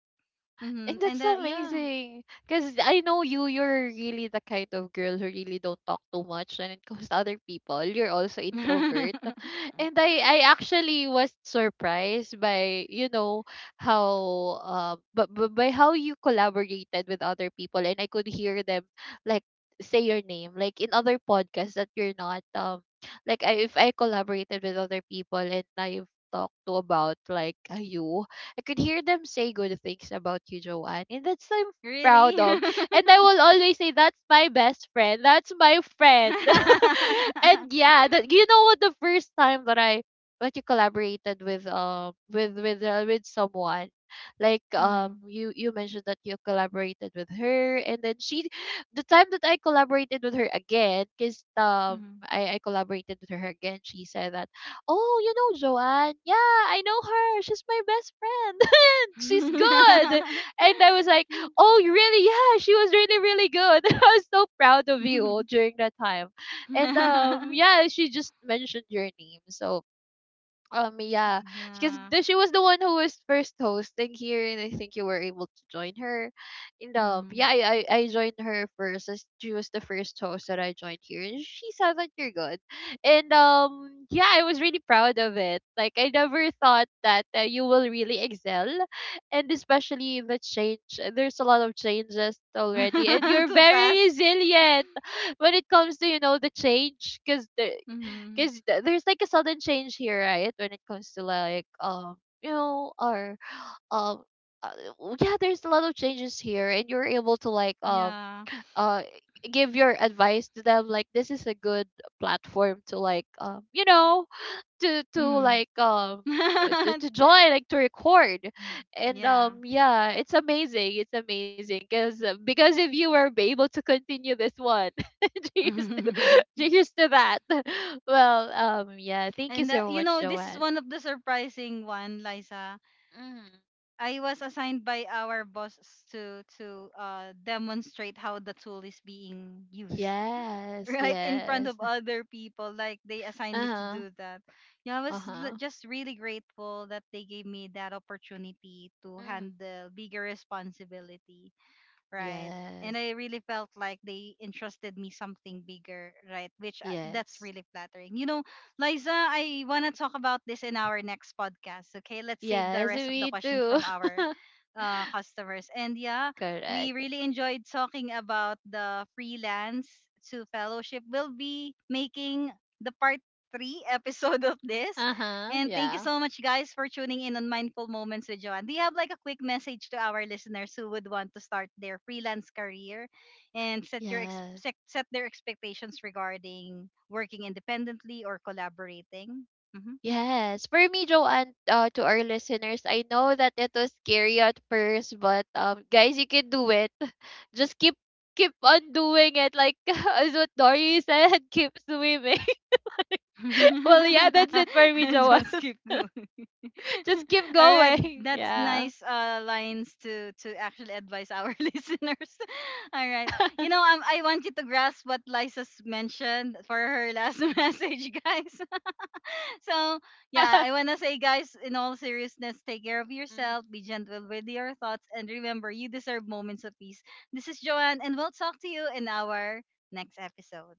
Speaker 2: And
Speaker 1: Mm-hmm.
Speaker 2: that's
Speaker 1: And
Speaker 2: so
Speaker 1: yeah.
Speaker 2: amazing. Because I know you, you're really the kind of girl who really don't talk too much when it [LAUGHS] comes to other people. You're also introvert.
Speaker 1: [LAUGHS]
Speaker 2: [LAUGHS] And I actually was surprised by, you know, how, but by how you collaborated with other people. And I could hear them, like, say your name. Like, in other podcasts that you're not, like, I, if I collaborated with other people and I've talked to about, like, you, I could hear them say good things about you, Joanne. And that's I'm proud
Speaker 1: really?
Speaker 2: of. And
Speaker 1: [LAUGHS]
Speaker 2: I will always say that's my best friend. That's my friend. [LAUGHS] And yeah, that you know what the first time that I that you collaborated with with someone like
Speaker 1: mm-hmm.
Speaker 2: you mentioned that you collaborated with her and then she the time that I collaborated with her again because
Speaker 1: Mm-hmm.
Speaker 2: I collaborated with her again she said that "Oh, you know Joanne? Yeah, I know her. She's my best friend. [LAUGHS] She's good." And I was like, "Oh, you really? Yeah, she was really good." [LAUGHS] I was so proud of you during that time. And yeah, she just mentioned your name. So yeah,
Speaker 1: [LAUGHS]
Speaker 2: because
Speaker 1: yeah.
Speaker 2: she was the one who was first hosting here, and I think you were able to join her. And yeah,
Speaker 1: Mm.
Speaker 2: I joined her first. As She was the first host that I joined here, and she said that you're good. And yeah, I was really proud of it. Like I never thought that you will really excel, and especially in the change. There's a lot of changes already, and
Speaker 1: [LAUGHS]
Speaker 2: you're
Speaker 1: Too
Speaker 2: very
Speaker 1: fast.
Speaker 2: resilient when it comes to you know the change because
Speaker 1: Mm-hmm.
Speaker 2: there's like a sudden change here right when it comes to like you know our um uh, yeah there's a lot of changes here and you're able to like
Speaker 1: Yeah.
Speaker 2: uh give your advice to them like this is a good platform to like you know to like
Speaker 1: Mm-hmm.
Speaker 2: to
Speaker 1: [LAUGHS]
Speaker 2: join like to record and
Speaker 1: yeah.
Speaker 2: yeah it's amazing because if you were able to continue this one [LAUGHS] cheers to
Speaker 1: [LAUGHS]
Speaker 2: [LAUGHS] cheers to that [LAUGHS] well yeah thank you
Speaker 1: and
Speaker 2: so
Speaker 1: you
Speaker 2: much
Speaker 1: know, this is
Speaker 2: Joanne
Speaker 1: one of the surprising one, Liza.
Speaker 2: mm
Speaker 1: I was assigned by our boss to demonstrate how the tool is being used [LAUGHS]
Speaker 2: yes
Speaker 1: right in front
Speaker 2: yes
Speaker 1: of other people. Like they assigned me to
Speaker 2: uh-huh
Speaker 1: do that. Yeah, I was
Speaker 2: uh-huh
Speaker 1: just really grateful that they gave me that opportunity to
Speaker 2: mm
Speaker 1: handle bigger responsibility, right? And
Speaker 2: yes
Speaker 1: I really felt like they entrusted me something bigger, right? Which that's
Speaker 2: yes
Speaker 1: really flattering. You know, Liza, I want to talk about this in our next podcast, okay? Let's save the
Speaker 2: yes
Speaker 1: rest of the
Speaker 2: me
Speaker 1: questions
Speaker 2: too
Speaker 1: from our
Speaker 2: [LAUGHS]
Speaker 1: customers. And yeah, we
Speaker 2: correct
Speaker 1: really enjoyed talking about the freelance to fellowship. We'll be making the part 3 [LAUGHS] episode of this
Speaker 2: uh-huh
Speaker 1: and thank you
Speaker 2: yeah
Speaker 1: so much, guys, for tuning in on Mindful Moments with Joanne. Do you have like a quick message to our listeners who would want to start their freelance career and
Speaker 2: yes
Speaker 1: set, set their expectations regarding working independently or collaborating?
Speaker 2: Yes, for me, Joanne, to our listeners, I know that it was scary at first, but guys, you can do it. [LAUGHS] Just keep on doing it, like [LAUGHS] as what Dory said, [LAUGHS] keep swimming. [LAUGHS] Well, yeah, that's it for me,
Speaker 1: Mhm. [LAUGHS]
Speaker 2: Joanne.
Speaker 1: Just keep going.
Speaker 2: [LAUGHS] Just
Speaker 1: [LAUGHS]
Speaker 2: keep
Speaker 1: All right,
Speaker 2: going.
Speaker 1: that's
Speaker 2: Yeah,
Speaker 1: nice lines to actually advise our [LAUGHS] listeners. All
Speaker 2: yeah,
Speaker 1: right, you know I want you to grasp what Lisa's mentioned for her last [LAUGHS] message, guys. [LAUGHS] so
Speaker 2: [LAUGHS]
Speaker 1: yeah,
Speaker 2: yeah.
Speaker 1: I wanna say, guys, in all seriousness, take care of yourself, be gentle with your thoughts, and remember, you deserve moments of peace. This is Joanne, and we'll talk to you in our next episode.